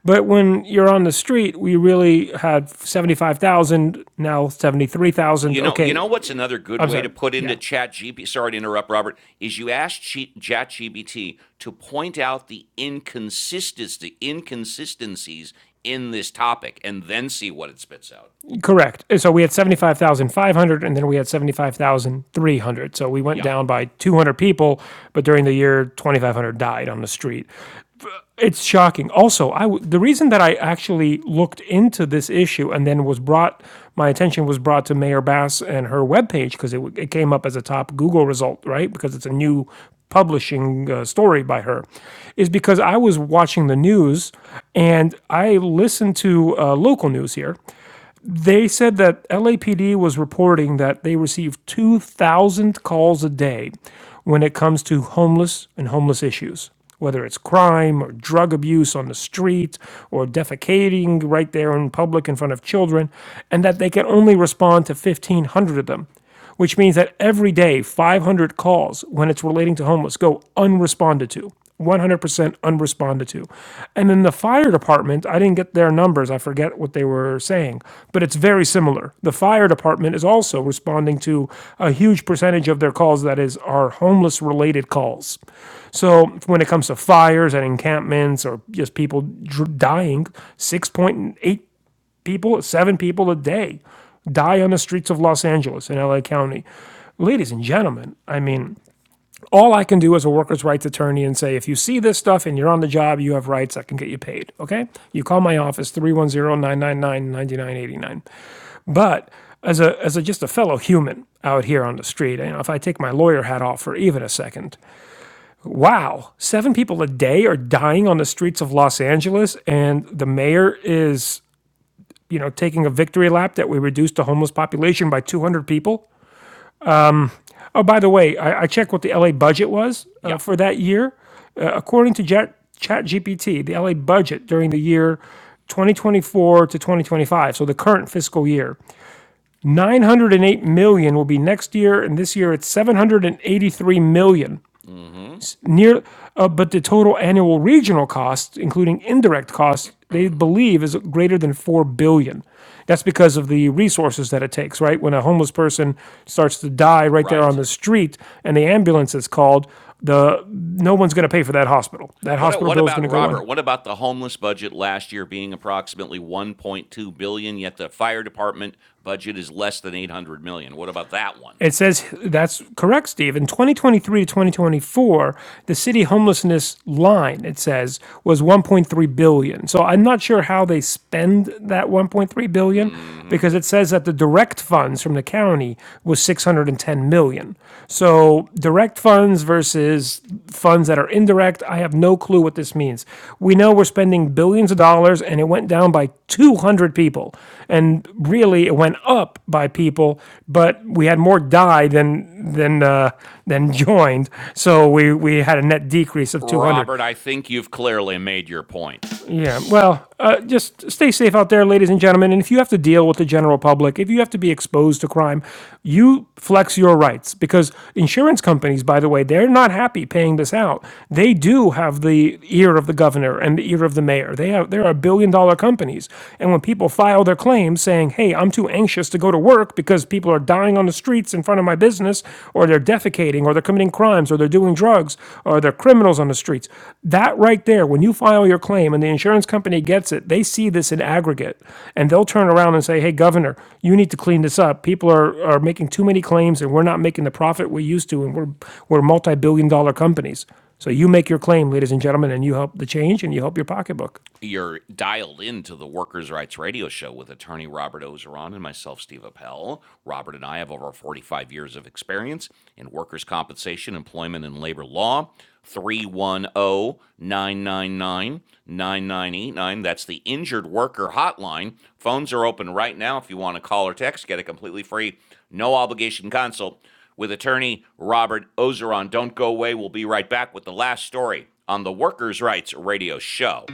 S2: But when you're on the street, we really had 75,000, now 73,000.
S1: You know, you know
S2: Okay,
S1: what's another good
S2: I'm
S1: way to
S2: sorry.
S1: put into
S2: Yeah.
S1: Chat GPT? Sorry to interrupt, Robert. Is you ask Chat GPT to point out the inconsistency, inconsistencies in this topic, and then see what it spits out.
S2: Correct. So we had 75,500 and then we had 75,300. So we went
S1: Yeah,
S2: down by 200 people, but during the year 2,500 died on the street. It's shocking. Also, I w- the reason that I actually looked into this issue and then was brought my attention was brought to Mayor Bass and her webpage because it, w- it came up as a top Google result, right? Because it's a new publishing uh, story by her is because I was watching the news and I listened to uh, local news here they said that LAPD was reporting that they receive 2,000 calls a day when it comes to homeless and homeless issues, whether it's crime or drug abuse on the street or defecating right there in public in front of children, and that they can only respond to 1,500 of them which means that every day 500 calls when it's relating to homeless go unresponded to 100% unresponded to and in the fire department i didn't get their numbers i forget what they were saying but it's very similar the fire department is also responding to a huge percentage of their calls that is are homeless related calls so when it comes to fires and encampments or just people dying 6.8 people, seven people a day die on the streets of Los Angeles in LA County. Ladies and gentlemen, I mean, all I can do as a workers' rights attorney and say, if you see this stuff and you're on the job, you have rights, I can get you paid. Okay? You call my office, three one zero nine nine nine ninety nine eighty nine. But as a, as a just a fellow human out here on the street, you know, if I take my lawyer hat off for even a second, wow, seven people a day are dying on the streets of Los Angeles, and the mayor is you know, taking a victory lap that we reduced the homeless population by 200 people. Oh, by the way, I, I checked what the LA budget was uh,
S1: yeah,
S2: for that year. Uh, according to Jet, ChatGPT, the LA budget during the year 2024 to 2025, so the current fiscal year, 908 million will be next year, and this year it's 783 million.
S1: hmm
S2: it's near, uh, but the total annual regional cost, including indirect costs, they believe is greater than four billion. dollars. That's because of the resources that it takes, right? When a homeless person starts to die right there on
S1: right.
S2: the street and the ambulance is called, the no one's going to pay for that hospital. That
S1: What
S2: hospital
S1: what
S2: bill is
S1: about
S2: going to go under.
S1: Robert? What about the homeless budget last year being approximately 1.2 billion, dollars, yet the fire department budget is less than 800 million? dollars? What about that one?
S2: It says that's correct, Steve. In 2023 to 2024, the city homelessness line, it says, was 1.3 billion. dollars. So I'm not sure how they spend that 1.3 billion dollars,
S1: hmm
S2: because it says that the direct funds from the county was 610 million. dollars. So direct funds versus funds that are indirect, I have no clue what this means. We know we're spending billions of dollars and it went down by 200 people and really it went up by people, but we had more die than than uh, than joined, so we we had a net decrease of 200.
S1: Robert, I think you've clearly made your point.
S2: Yeah. Well, uh, just stay safe out there, ladies and gentlemen. And if you have to deal with the general public, if you have to be exposed to crime, you flex your rights because insurance companies, by the way, they're not happy paying this out. They do have the ear of the governor and the ear of the mayor. They have they are a billion dollar companies, and when people file their claims saying, "Hey, I'm too anxious to go to work because people are dying on the streets in front of my business or they're defecating or they're committing crimes or they're doing drugs or they're criminals on the streets. That right there, when you file your claim and the insurance company gets it, they see this in aggregate and they'll turn around and say, hey, governor, you need to clean this up. People are, are making too many claims and we're not making the profit we used to and we're, we're multi billion dollar companies. So you make your claim, ladies and gentlemen, and you help the change and you help your pocketbook.
S1: You're dialed into the Workers' Rights Radio Show with attorney Robert Ozeron and myself, Steve Appel. Robert and I have over 45 years of experience in workers' compensation, employment, and labor law. Three one o 999 9989. That's the injured worker hotline. Phones are open right now if you want to call or text, get a completely free, no obligation consult with attorney Robert Ozeron. Don't go away. We'll be right back with the last story on the Workers' Rights Radio Show.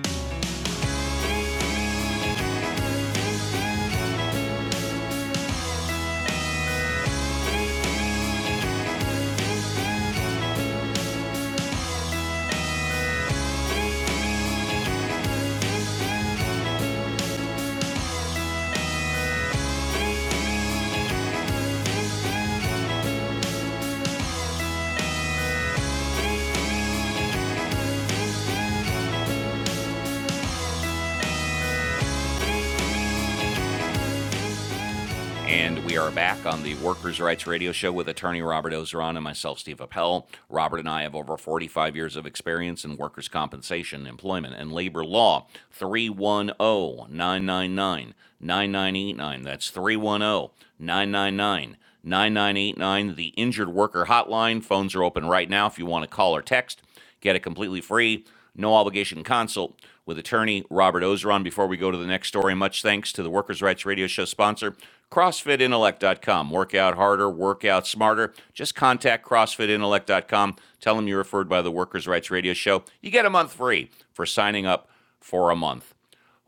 S1: And we are back on the Workers' Rights Radio Show with attorney Robert Ozeron and myself, Steve Appel. Robert and I have over 45 years of experience in workers' compensation, employment, and labor law. 310 999 9989. That's 310 999 9989. the Injured Worker Hotline. Phones are open right now if you want to call or text. Get it completely free, no obligation consult with attorney Robert Ozeron. Before we go to the next story, much thanks to the Workers' Rights Radio Show sponsor, CrossFitIntellect.com. Work out harder, work out smarter. Just contact CrossFitIntellect.com. Tell them you're referred by the Workers' Rights Radio Show. You get a month free for signing up for a month.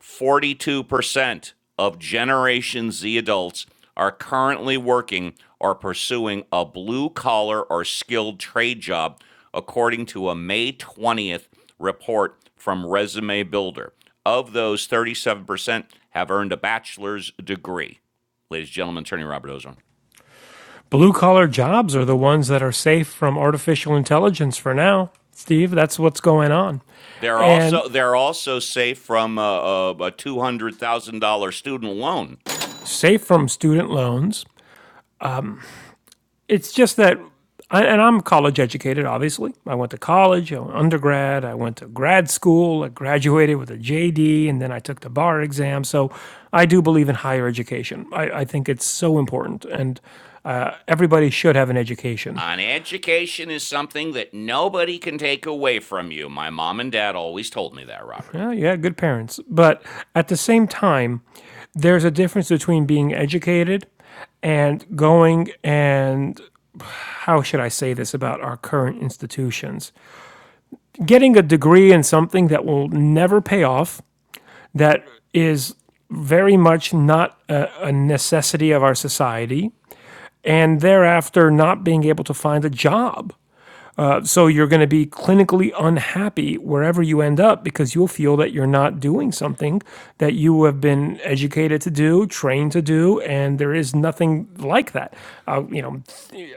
S1: 42% of Generation Z adults are currently working or pursuing a blue collar or skilled trade job, according to a May 20th report from Resume Builder. Of those, 37% have earned a bachelor's degree. Ladies and gentlemen, attorney Robert Ozone.
S2: Blue collar jobs are the ones that are safe from artificial intelligence for now. Steve, that's what's going on.
S1: They're
S2: And
S1: also they're also safe from a, a two hundred thousand dollar student loan
S2: safe from student loans. It's just that, and I'm college educated, obviously. I went to college, I went undergrad, I went to grad school, I graduated with a JD, and then I took the bar exam. So I do believe in higher education. I, I think it's so important. And uh, everybody should have an education.
S1: An education is something that nobody can take away from you. My mom and dad always told me that, Robert.
S2: Well, Yeah, you had good parents. But at the same time, there's a difference between being educated and going and how should I say this about our current institutions? getting a degree in something that will never pay off, that is very much not a, a necessity of our society, and thereafter not being able to find a job. Uh, so you're going to be clinically unhappy wherever you end up because you'll feel that you're not doing something that you have been educated to do, trained to do, and there is nothing like that. Uh, you know,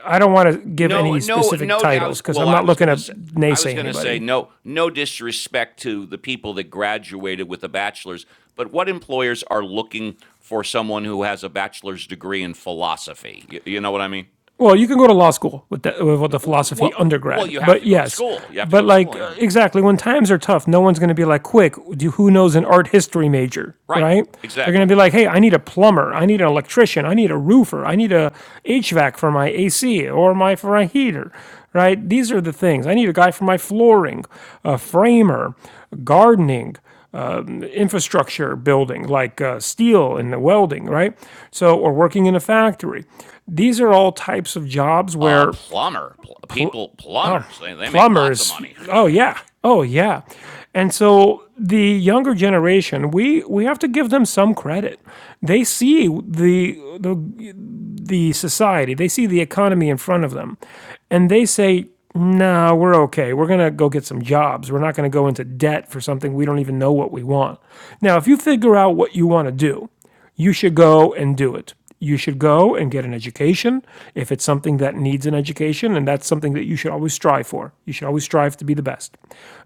S2: I don't want to give
S1: No,
S2: any
S1: no,
S2: specific
S1: no. I
S2: titles
S1: was
S2: because
S1: well.
S2: I'm
S1: I
S2: not
S1: was
S2: looking
S1: gonna
S2: to
S1: say. I
S2: naysay
S1: was gonna
S2: anybody.
S1: say no. No disrespect to the people that graduated with a bachelor's, but what employers are looking for someone who has a bachelor's degree in philosophy? You, you know what I mean?
S2: Well, you can go to law school with the, with what the philosophy
S1: Well, well,
S2: undergrad,
S1: you have
S2: but
S1: to go to
S2: yes,
S1: school. You have to
S2: but
S1: go to
S2: like
S1: school.
S2: uh,
S1: Yeah.
S2: exactly when times are tough, no one's going to be like, "Quick, do who knows an art history major?"
S1: Right.
S2: Right? They're going to
S1: Exactly.
S2: be like, "Hey, I need a plumber, I need an electrician, I need a roofer, I need a HVAC for my AC or my for my heater." Right? These are the things. I need a guy for my flooring, a framer, gardening infrastructure building, like uh, steel and the welding, right? So, or working in a factory. These are all types of jobs
S1: Uh,
S2: where
S1: plumber. Pl-
S2: pl-
S1: people, plumbers. They, they make lots of
S2: plumbers,
S1: money.
S2: oh yeah, oh yeah. And so the younger generation, we we have to give them some credit. They see the the the society, they see the economy in front of them, and they say, no, we're okay. We're going to go get some jobs. We're not going to go into debt for something we don't even know what we want. Now, if you figure out what you want to do, you should go and do it. You should go and get an education if it's something that needs an education, and that's something that you should always strive for. You should always strive to be the best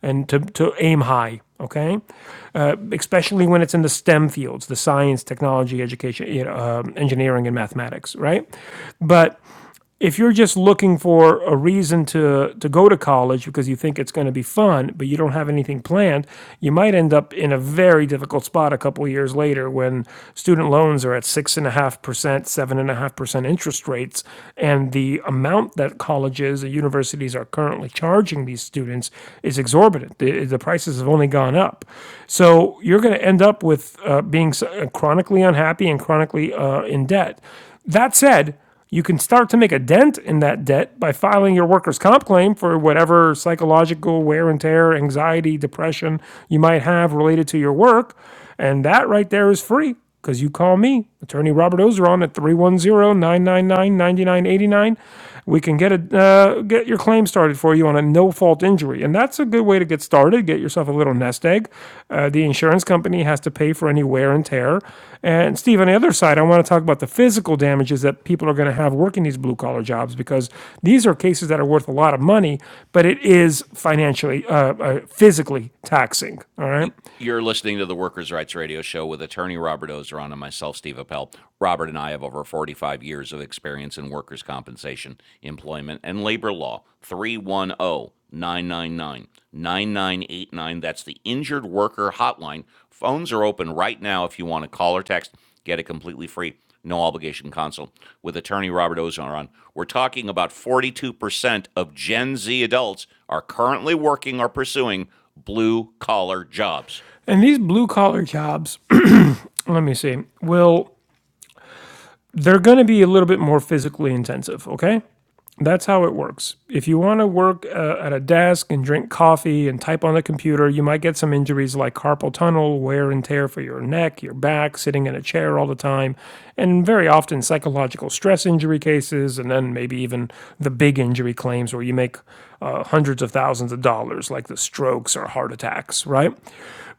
S2: and to, to aim high, okay? especially when it's in the STEM fields, the science, technology, education, you know, um, engineering, and mathematics, right? But if you're just looking for a reason to to go to college because you think it's going to be fun, but you don't have anything planned, you might end up in a very difficult spot a couple of years later when student loans are at six and a half percent, seven and a half percent interest rates, and the amount that colleges and universities are currently charging these students is exorbitant. The, the prices have only gone up, so you're going to end up with uh, being chronically unhappy and chronically uh, in debt. That said you can start to make a dent in that debt by filing your workers' comp claim for whatever psychological wear and tear, anxiety, depression you might have related to your work. And that right there is free because you call me, attorney Robert Ozeron, at three one zero nine nine nine ninety nine eighty nine we can get a uh, get your claim started for you on a no fault injury, and that's a good way to get started. Get yourself a little nest egg. Uh, the insurance company has to pay for any wear and tear. And Steve, on the other side, I want to talk about the physical damages that people are going to have working these blue collar jobs because these are cases that are worth a lot of money, but it is financially, uh, uh, physically taxing. All right,
S1: You're listening to the Workers' Rights Radio Show with attorney Robert Ozeron and myself, Steve Appel. Robert and I have over 45 years of experience in workers' compensation, employment, and labor law. 310 999 9989. That's the Injured Worker Hotline. Phones are open right now if you want to call or text. Get it completely free, no obligation consult with attorney Robert Ozeron. We're talking about 42% of Gen Z adults are currently working or pursuing blue collar jobs.
S2: and these blue collar jobs, let me see, will they're going to be a little bit more physically intensive, okay? That's how it works. If you want to work uh, at a desk and drink coffee and type on the computer, you might get some injuries like carpal tunnel, wear and tear for your neck, your back, sitting in a chair all the time, and very often psychological stress injury cases, and then maybe even the big injury claims where you make uh, hundreds of thousands of dollars, like the strokes or heart attacks, right?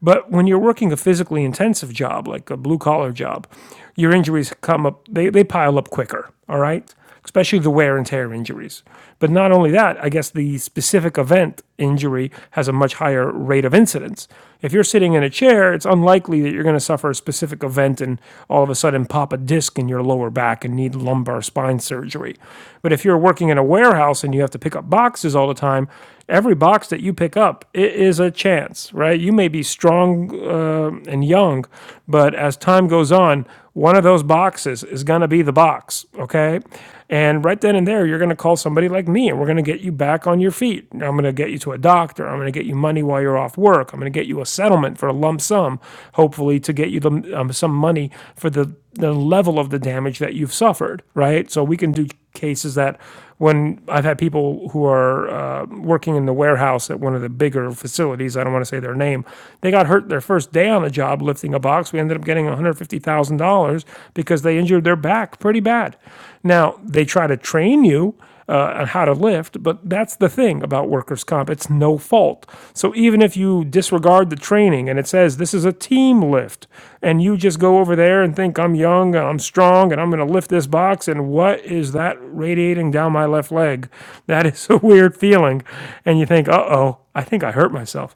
S2: But when you're working a physically intensive job, like a blue collar job, your injuries come up, they, they pile up quicker, all right? especially the wear and tear injuries. But not only that, I guess the specific event injury has a much higher rate of incidence. If you're sitting in a chair, it's unlikely that you're going to suffer a specific event and all of a sudden pop a disc in your lower back and need lumbar spine surgery. But if you're working in a warehouse and you have to pick up boxes all the time, every box that you pick up it is a chance, right? You may be strong uh, and young, but as time goes on, one of those boxes is going to be the box, okay? And right then and there, you're going to call somebody like me and we're going to get you back on your feet. I'm going to get you to a doctor. I'm going to get you money while you're off work. I'm going to get you a settlement for a lump sum, hopefully, to get you the, um, some money for the, the level of the damage that you've suffered, right? So we can do cases that when I've had people who are uh, working in the warehouse at one of the bigger facilities, I don't want to say their name, they got hurt their first day on the job lifting a box. We ended up getting $150,000 because they injured their back pretty bad. Now, they try to train you uh, on how to lift. But that's the thing about workers' comp it's no fault. So even if you disregard the training and it says this is a team lift, and you just go over there and think I'm young and I'm strong and I'm going to lift this box, and what is that radiating down my left leg? That is a weird feeling. And you think, uh oh, I think I hurt myself.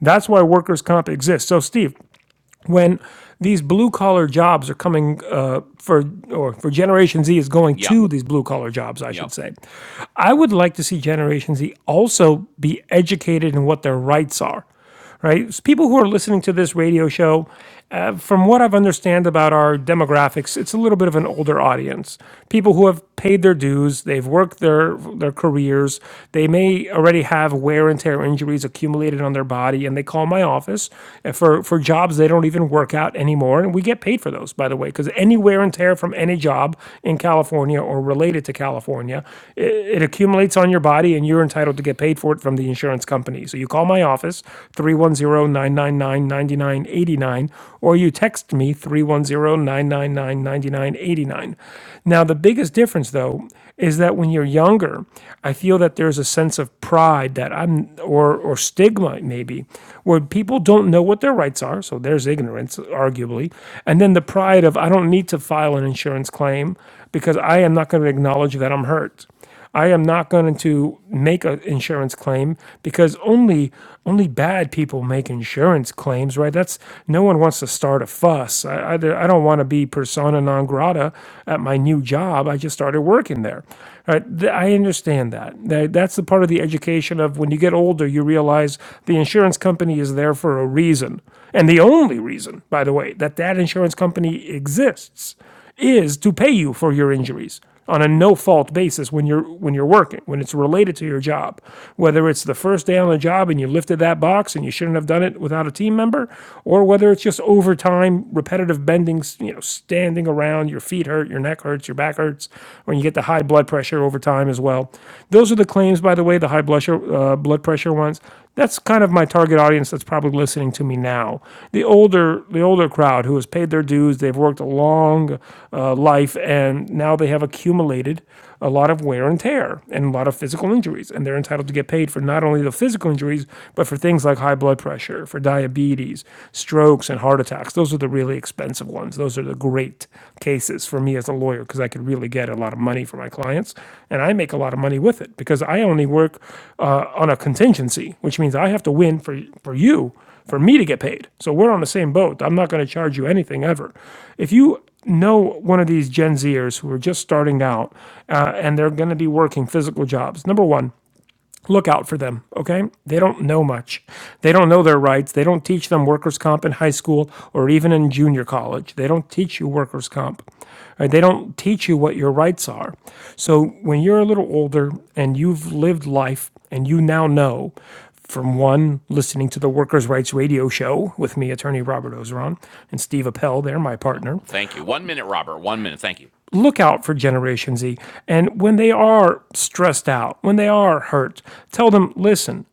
S2: That's why workers' comp exists. So, Steve, when these blue collar jobs are coming uh, for or for generation z is going
S1: Yep.
S2: to these blue collar jobs i
S1: Yep.
S2: should say i would like to see generation z also be educated in what their rights are right? So people who are listening to this radio show uh, from what I've understand about our demographics, it's a little bit of an older audience. People who have paid their dues, they've worked their their careers, they may already have wear and tear injuries accumulated on their body, and they call my office uh, for for jobs they don't even work out anymore, and we get paid for those, by the way, because any wear and tear from any job in California or related to California, i- it accumulates on your body, and you're entitled to get paid for it from the insurance company. So you call my office 310 9989 or you text me 3109999989. Now the biggest difference though is that when you're younger, I feel that there's a sense of pride that I'm or or stigma maybe where people don't know what their rights are, so there's ignorance arguably, and then the pride of I don't need to file an insurance claim because I am not going to acknowledge that I'm hurt. I am not going to make an insurance claim because only only bad people make insurance claims, right? That's no one wants to start a fuss. I, I, I don't want to be persona non grata at my new job. I just started working there. Right? I understand that. that. That's the part of the education of when you get older, you realize the insurance company is there for a reason, and the only reason, by the way, that that insurance company exists is to pay you for your injuries on a no fault basis when you're when you're working when it's related to your job whether it's the first day on the job and you lifted that box and you shouldn't have done it without a team member or whether it's just overtime repetitive bendings you know standing around your feet hurt your neck hurts your back hurts when you get the high blood pressure over time as well those are the claims by the way the high blood pressure, uh, blood pressure ones that's kind of my target audience that's probably listening to me now. The older the older crowd who has paid their dues, they've worked a long uh, life and now they have accumulated a lot of wear and tear and a lot of physical injuries and they're entitled to get paid for not only the physical injuries but for things like high blood pressure, for diabetes, strokes and heart attacks. Those are the really expensive ones. Those are the great cases for me as a lawyer because I could really get a lot of money for my clients, and I make a lot of money with it because I only work uh, on a contingency, which means I have to win for for you for me to get paid. So we're on the same boat. I'm not going to charge you anything ever. If you know one of these Gen Zers who are just starting out uh, and they're going to be working physical jobs, number one look out for them, okay? They don't know much. They don't know their rights. They don't teach them workers' comp in high school or even in junior college. They don't teach you workers' comp. Right? They don't teach you what your rights are. So when you're a little older and you've lived life and you now know from one, listening to the Workers' Rights Radio Show with me, attorney Robert Ozeron, and Steve Appel, they're my
S1: No.
S2: partner,
S1: Thank you. One minute, Robert. One minute. Thank you.
S2: look out for Generation Z. And when they are stressed out, when they are hurt, tell them, listen,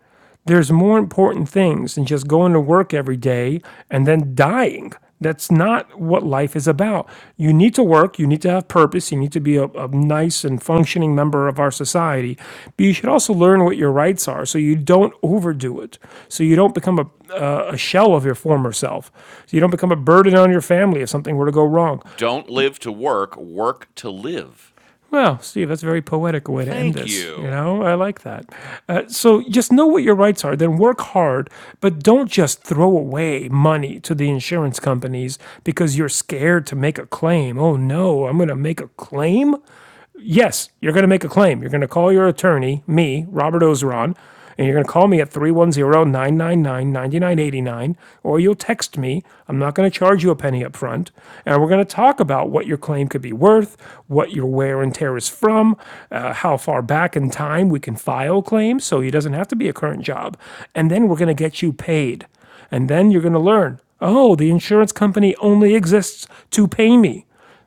S2: there's more important things than just going to work every day and then dying. That's not what life is about. You need to work, you need to have purpose, you need to be a, a nice and functioning member of our society, but you should also learn what your rights are so you don't overdo it, so you don't become a, a a shell of your former self, so you don't become a burden on your family if something were to go wrong.
S1: Don't live to work, work to live.
S2: Well, Steve, that's a very poetic way to end
S1: Thank
S2: this. You
S1: you.
S2: know, I like that. Uh, so just know what your rights are, then work hard, but don't just throw away money to the insurance companies because you're scared to make a claim. Oh no, I'm going to make a claim? yes, you're going to make a claim. You're going to call your attorney, me, Robert Ozeron, and you're going to call me at three one zero nine nine nine ninety nine eighty nine, or you'll text me. I'm not going to charge you a penny up front. And we're going to talk about what your claim could be worth, what your wear and tear is from, uh, how far back in time we can file claims so it doesn't have to be a current job. And then we're going to get you paid. And then you're going to learn oh, the insurance company only exists to pay me.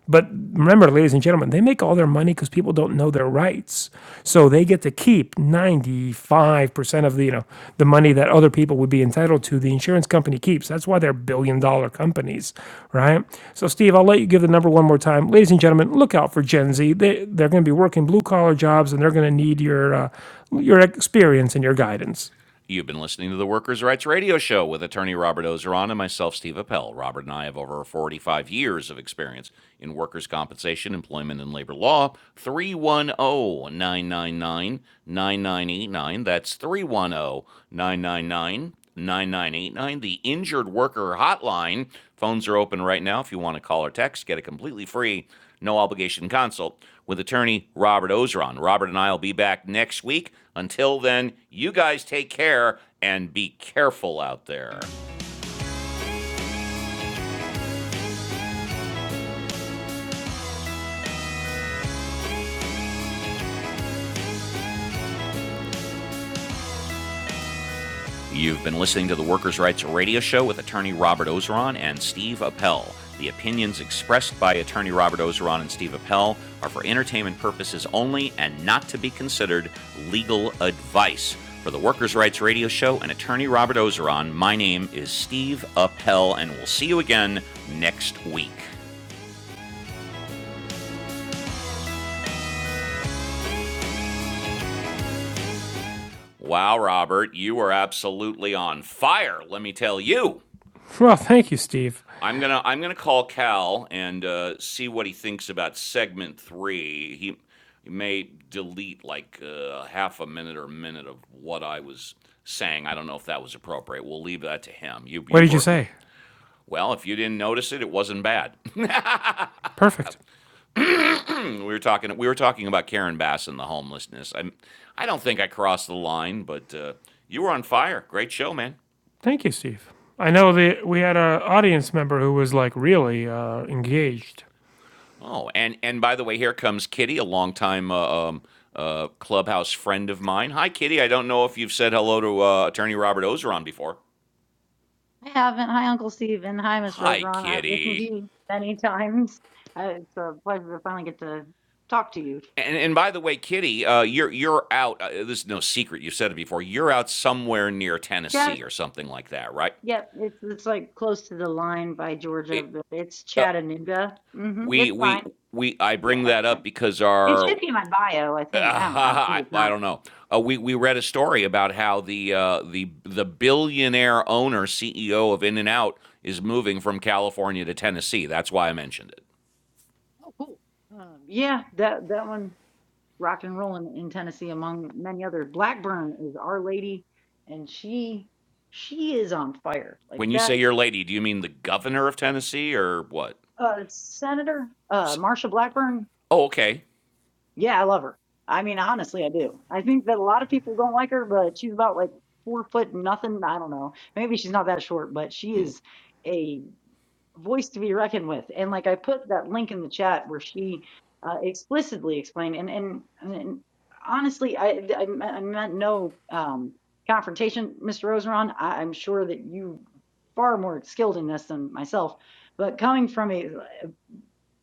S2: But remember, ladies and gentlemen, they make all their money because people don't know their rights. So they get to keep 95% of the, you know, the money that other people would be entitled to, the insurance company keeps. That's why they're billion dollar companies, right? So, Steve, I'll let you give the number one more time. Ladies and gentlemen, look out for Gen Z. They, they're going to be working blue collar jobs and they're going to need your, uh, your experience and your guidance.
S1: You've been listening to the Workers' Rights Radio Show with attorney Robert Ozeron and myself, Steve Appel. Robert and I have over 45 years of experience in workers' compensation, employment, and labor law. 310 999 9989. That's 310 9989, the Injured Worker Hotline. Phones are open right now if you want to call or text. Get a completely free, no obligation consult with attorney Robert Ozeron. Robert and I will be back next week. Until then, you guys take care and be careful out there. You've been listening to the Workers' Rights Radio Show with attorney Robert Ozeron and Steve Appel. The opinions expressed by attorney Robert Ozeron and Steve Appel are for entertainment purposes only and not to be considered legal advice. For the Workers' Rights Radio Show and attorney Robert Ozeron, my name is Steve Appel, and we'll see you again next week. Wow, Robert, you are absolutely on fire, let me tell you.
S2: Well, thank you, Steve.
S1: I'm gonna I'm gonna call Cal and uh, see what he thinks about segment three. He, he may delete like uh, half a minute or a minute of what I was saying. I don't know if that was appropriate. We'll leave that to him. You
S2: What
S1: you
S2: did you
S1: were
S2: say?
S1: well. If you didn't notice it, it wasn't bad.
S2: Perfect.
S1: we were talking we were talking about Karen Bass and the homelessness. I I don't think I crossed the line, but uh, you were on fire. Great show, man.
S2: Thank you, Steve. I know that we had an audience member who was like really uh, engaged.
S1: Oh, and and by the way, here comes Kitty, a longtime uh, um, uh, clubhouse friend of mine. Hi, Kitty. I don't know if you've said hello to uh, Attorney Robert Ozeron before.
S3: I haven't. Hi, Uncle Steve, and hi, Mr.
S1: Hi,
S3: Rosron. I've listened to
S1: Kitty.
S3: you many times. Uh, It's a pleasure to finally get to talk to you.
S1: And and by the way, Kitty, uh, you're you're out. Uh, this is no secret. You have said it before. You're out somewhere near
S3: Chat,
S1: Tennessee or something like that, right?
S3: yeah, it's it's like close to the line by Georgia,
S1: It-
S3: but it's
S1: uh,
S3: Chattanooga. hmm
S1: we
S3: It's
S1: we
S3: fine.
S1: we I
S3: Yeah,
S1: bring
S3: it's
S1: that up
S3: fine.
S1: because
S3: It
S1: our
S3: should be in my bio, I
S1: Uh,
S3: think. I don't know. Maybe
S1: I,
S3: If
S1: I
S3: not,
S1: don't know. Uh, we we read a story about how the uh, the the billionaire owner CEO of In and Out is moving from California to Tennessee. That's why I mentioned it.
S3: oh, cool. Um, yeah, that that one, rock and rolling in in Tennessee, among many others. Blackburn is Our Lady, and she she is on fire. Like
S1: When you
S3: that.
S1: say your lady, do you mean the governor of Tennessee or what?
S3: Uh, Senator uh, Marsha Blackburn.
S1: Oh, okay.
S3: Yeah, I love her. I mean, honestly, I do. I think that a lot of people don't like her, but she's about like four foot nothing. I don't know. Maybe she's not that short, but she
S1: Mm,
S3: is a voice to be reckoned with. And like I put that link in the chat where she uh, explicitly explained, and and, and honestly, I, I I meant no um, confrontation, Mr. Ozeron. I, I'm sure that you far more skilled in this than myself, but coming from a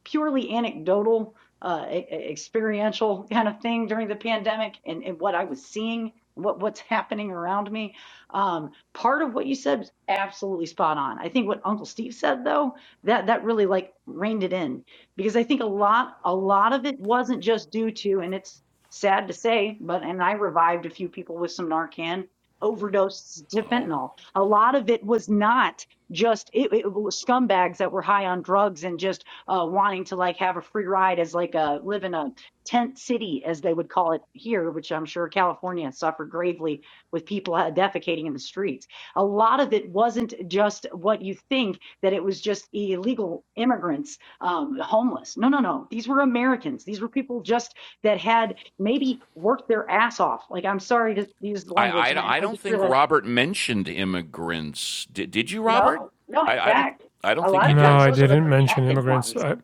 S3: purely anecdotal, uh, e- e- experiential kind of thing during the pandemic and, and what I was seeing, what, what's happening around me. Um, part of what you said was absolutely spot on. I think what Uncle Steve said though, that that really like reined it in because I think a lot a lot of it wasn't just due to, and it's sad to say, but and I revived a few people with some Narcan overdose to
S1: Oh,
S3: fentanyl. A lot of it was not just it, it was scumbags that were high on drugs and just uh, wanting to like have a free ride as like a live in a tent city as they would call it here which i'm sure california suffered gravely with people uh, defecating in the streets a lot of it wasn't just what you think that it was just illegal immigrants um, homeless no no no these were americans these were people just that had maybe worked their ass off like i'm sorry to use the
S1: I,
S3: language and i,
S1: I I
S3: I
S1: don't
S3: just
S1: think
S3: realized
S1: Robert mentioned immigrants. Did did you, Robert?
S3: no no in
S1: I, I don't
S3: fact
S1: I don't
S3: a
S1: think
S3: lot
S1: you
S3: of
S2: No,
S3: times
S1: did.
S2: I
S3: those are the
S2: didn't mention
S3: protected
S2: immigrants.
S3: ones
S2: I,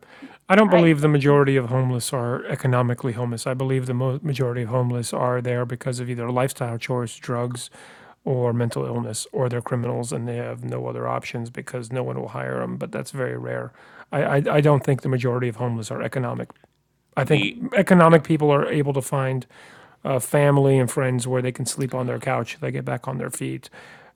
S2: I don't
S3: right
S2: believe the majority of homeless are economically homeless. I believe the mo- majority of homeless are there because of either lifestyle choice, drugs, or mental illness, or they're criminals and they have no other options because no one will hire them. But that's very rare. I, I, I don't think the majority of homeless are economic I
S1: The
S2: think
S1: yeah.
S2: economic people are able to find uh, family and friends where they can sleep on their couch. They get back on their feet.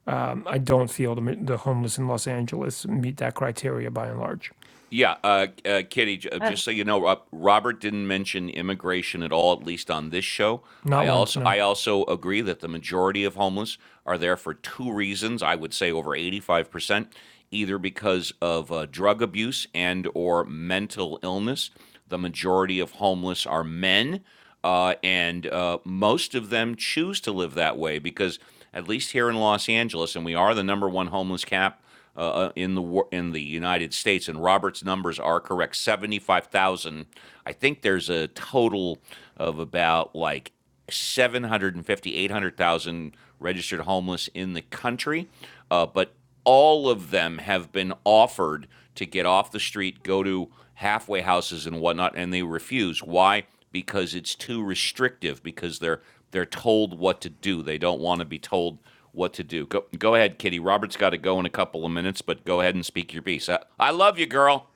S2: Um, I don't feel the, the homeless in Los Angeles meet that criteria by and large.
S1: Yeah, uh, uh, Kitty, j- uh, just so you know, Rob, Robert didn't mention immigration at all, at least on this show.
S2: Not
S1: I
S2: once,
S1: also
S2: no.
S1: I also agree that the majority of homeless are there for two reasons. I would say over eighty five percent, either because of uh, drug abuse and or mental illness. The majority of homeless are men, uh, and uh, most of them choose to live that way because at least here in Los Angeles, and we are the number one homeless cap uh, uh, in the in the United States, and Robert's numbers are correct. Seventy five thousand. I think there's a total of about like 750, 800,000 registered homeless in the country, uh, but all of them have been offered to get off the street, go to halfway houses and whatnot, and they refuse. Why? Because it's too restrictive. Because they're they're told what to do. They don't want to be told what to do. Go, go ahead, Kitty. Robert's got to go in a couple of minutes, but go ahead and speak your piece. I, I love you, girl.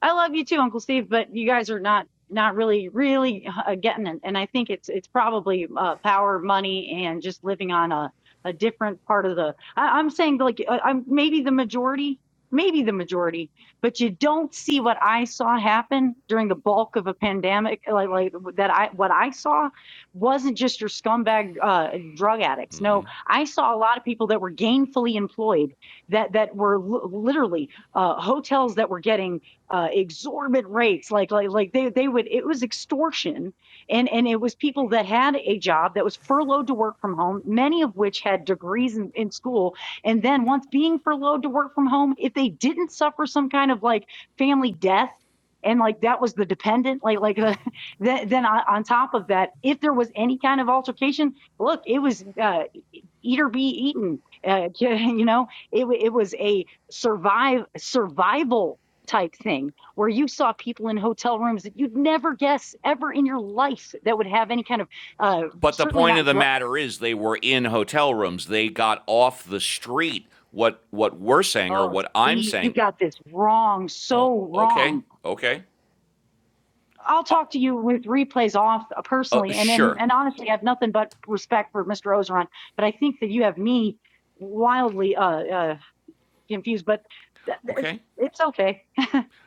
S3: I love you too, Uncle Steve, but you guys are not not really really uh, getting it. And I think it's it's probably uh, power, money, and just living on a a different part of the. I, I'm saying like uh, I'm maybe the majority, maybe the majority, but you don't see what I saw happen during the bulk of a pandemic. Like like that I what I saw wasn't just your scumbag uh, drug addicts.
S1: Mm-hmm.
S3: No, I saw a lot of people that were gainfully employed that that were l- literally uh, hotels that were getting uh, exorbitant rates. Like, like, like they, they would, it was extortion. And, and it was people that had a job that was furloughed to work from home, many of which had degrees in, in school. And then once being furloughed to work from home, if they didn't suffer some kind of like family death, and like that was the dependent, like like uh, then, then on, on top of that, if there was any kind of altercation, look, it was uh, eat or be eaten. Uh, you know, it, wa- it was a survive survival type thing where you saw people in hotel rooms that you'd never guess ever in your life that would have any kind of uh,
S1: But the
S3: certainly
S1: point of
S3: not.
S1: the
S3: dr-
S1: matter is, they were in hotel rooms. They got off the street. What what we're saying or
S3: Oh,
S1: what I'm
S3: Steve, you
S1: saying?
S3: got this wrong,
S1: Oh,
S3: so
S1: okay,
S3: wrong.
S1: okay,
S3: I'll talk to you with replays off uh,
S1: uh,
S3: personally, and and,
S1: sure,
S3: and honestly, I have nothing but respect for Mr. Ozeron, but I think that you have me wildly uh, uh, confused. But th- th- it's,
S1: okay.
S3: it's okay.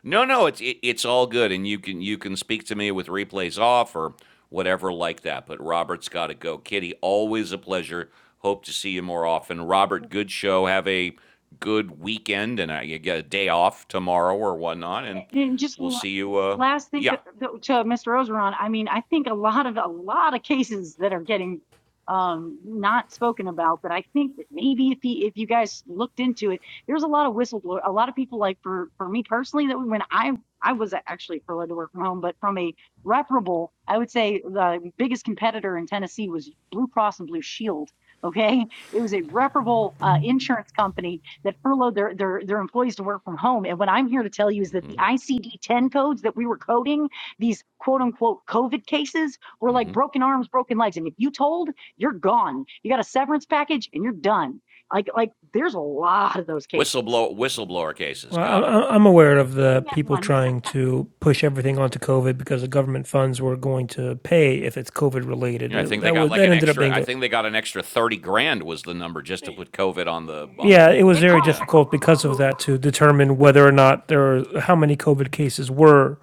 S1: No, no, it's it, it's all good, and you can you can speak to me with replays off or whatever like that. But Robert's got to go. Kitty, always a pleasure. Hope to see you more often. Robert, good show. Have a good weekend, and I you get a day off tomorrow or whatnot, and
S3: Just
S1: we'll see you. Uh,
S3: last thing
S1: yeah,
S3: that, that, to Mr. Ozeron, I mean, I think a lot of a lot of cases that are getting um, not spoken about, but I think that maybe if he, if you guys looked into it, there's a lot of whistleblower, a lot of people like for for me personally that when I I was actually allowed to work from home, but from a reparable, I would say the biggest competitor in Tennessee was Blue Cross and Blue Shield. Okay, it was a reparable uh, insurance company that furloughed their, their, their employees to work from home. And what I'm here to tell you is that the ICD 10 codes that we were coding, these quote unquote COVID cases, were like broken arms, broken legs. And if you told, you're gone. You got a severance package and you're done. Like, like there's a lot of those cases.
S1: whistleblower whistleblower cases.
S2: Well, I'm,
S1: Got it.
S2: aware of the
S3: At
S2: people
S3: once,
S2: trying to push everything onto COVID because the government funds were going to pay if it's COVID related.
S1: Yeah, I
S2: It-
S1: think they
S2: that
S1: got
S2: was
S1: like
S2: that
S1: an
S2: ended up
S1: extra.
S2: being
S1: I
S2: a
S1: think they got an extra thirty grand was the number just to put COVID on the on the.
S2: yeah. It was
S3: It
S2: very
S3: costs.
S1: Yeah,
S2: difficult because of that to determine whether or not there how many COVID cases were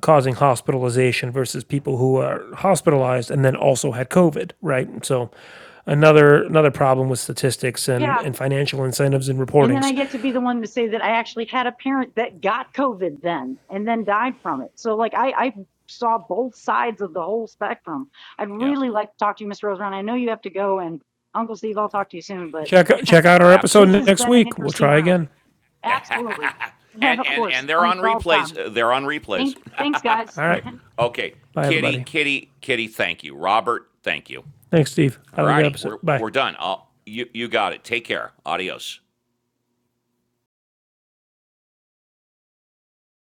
S2: causing hospitalization versus people who are hospitalized and then also had COVID, right? So another another problem with statistics and,
S3: Yeah.
S2: and financial incentives and
S3: And then
S2: reportings.
S3: I get to be the one to say that I actually had a parent that got COVID then and then died from it. So like I, I saw both sides of the whole spectrum. I'd
S1: yeah,
S3: really like to talk to you, Mr. Rosebrown. I know you have to go and Uncle Steve, I'll talk to you soon, but
S2: Check check out our
S3: this
S2: episode
S3: has
S1: absolutely.
S2: next
S3: been an
S2: week. We'll
S3: interesting
S2: try
S3: round.
S2: again.
S3: Absolutely.
S1: and
S3: Yeah, of
S1: and
S3: course.
S1: and they're
S3: I'm
S1: on
S3: all done.
S1: replays. Uh, They're on replays.
S3: Thank, thanks guys.
S2: All right.
S1: Okay,
S2: Bye
S1: Kitty,
S2: everybody.
S1: Kitty, Kitty. Thank you, Robert. Thank you.
S2: Thanks, Steve.
S1: All
S2: Have a good
S1: righty,
S2: episode.
S1: we're
S2: Bye.
S1: we're done. I'll, you you got it. Take care. Adios.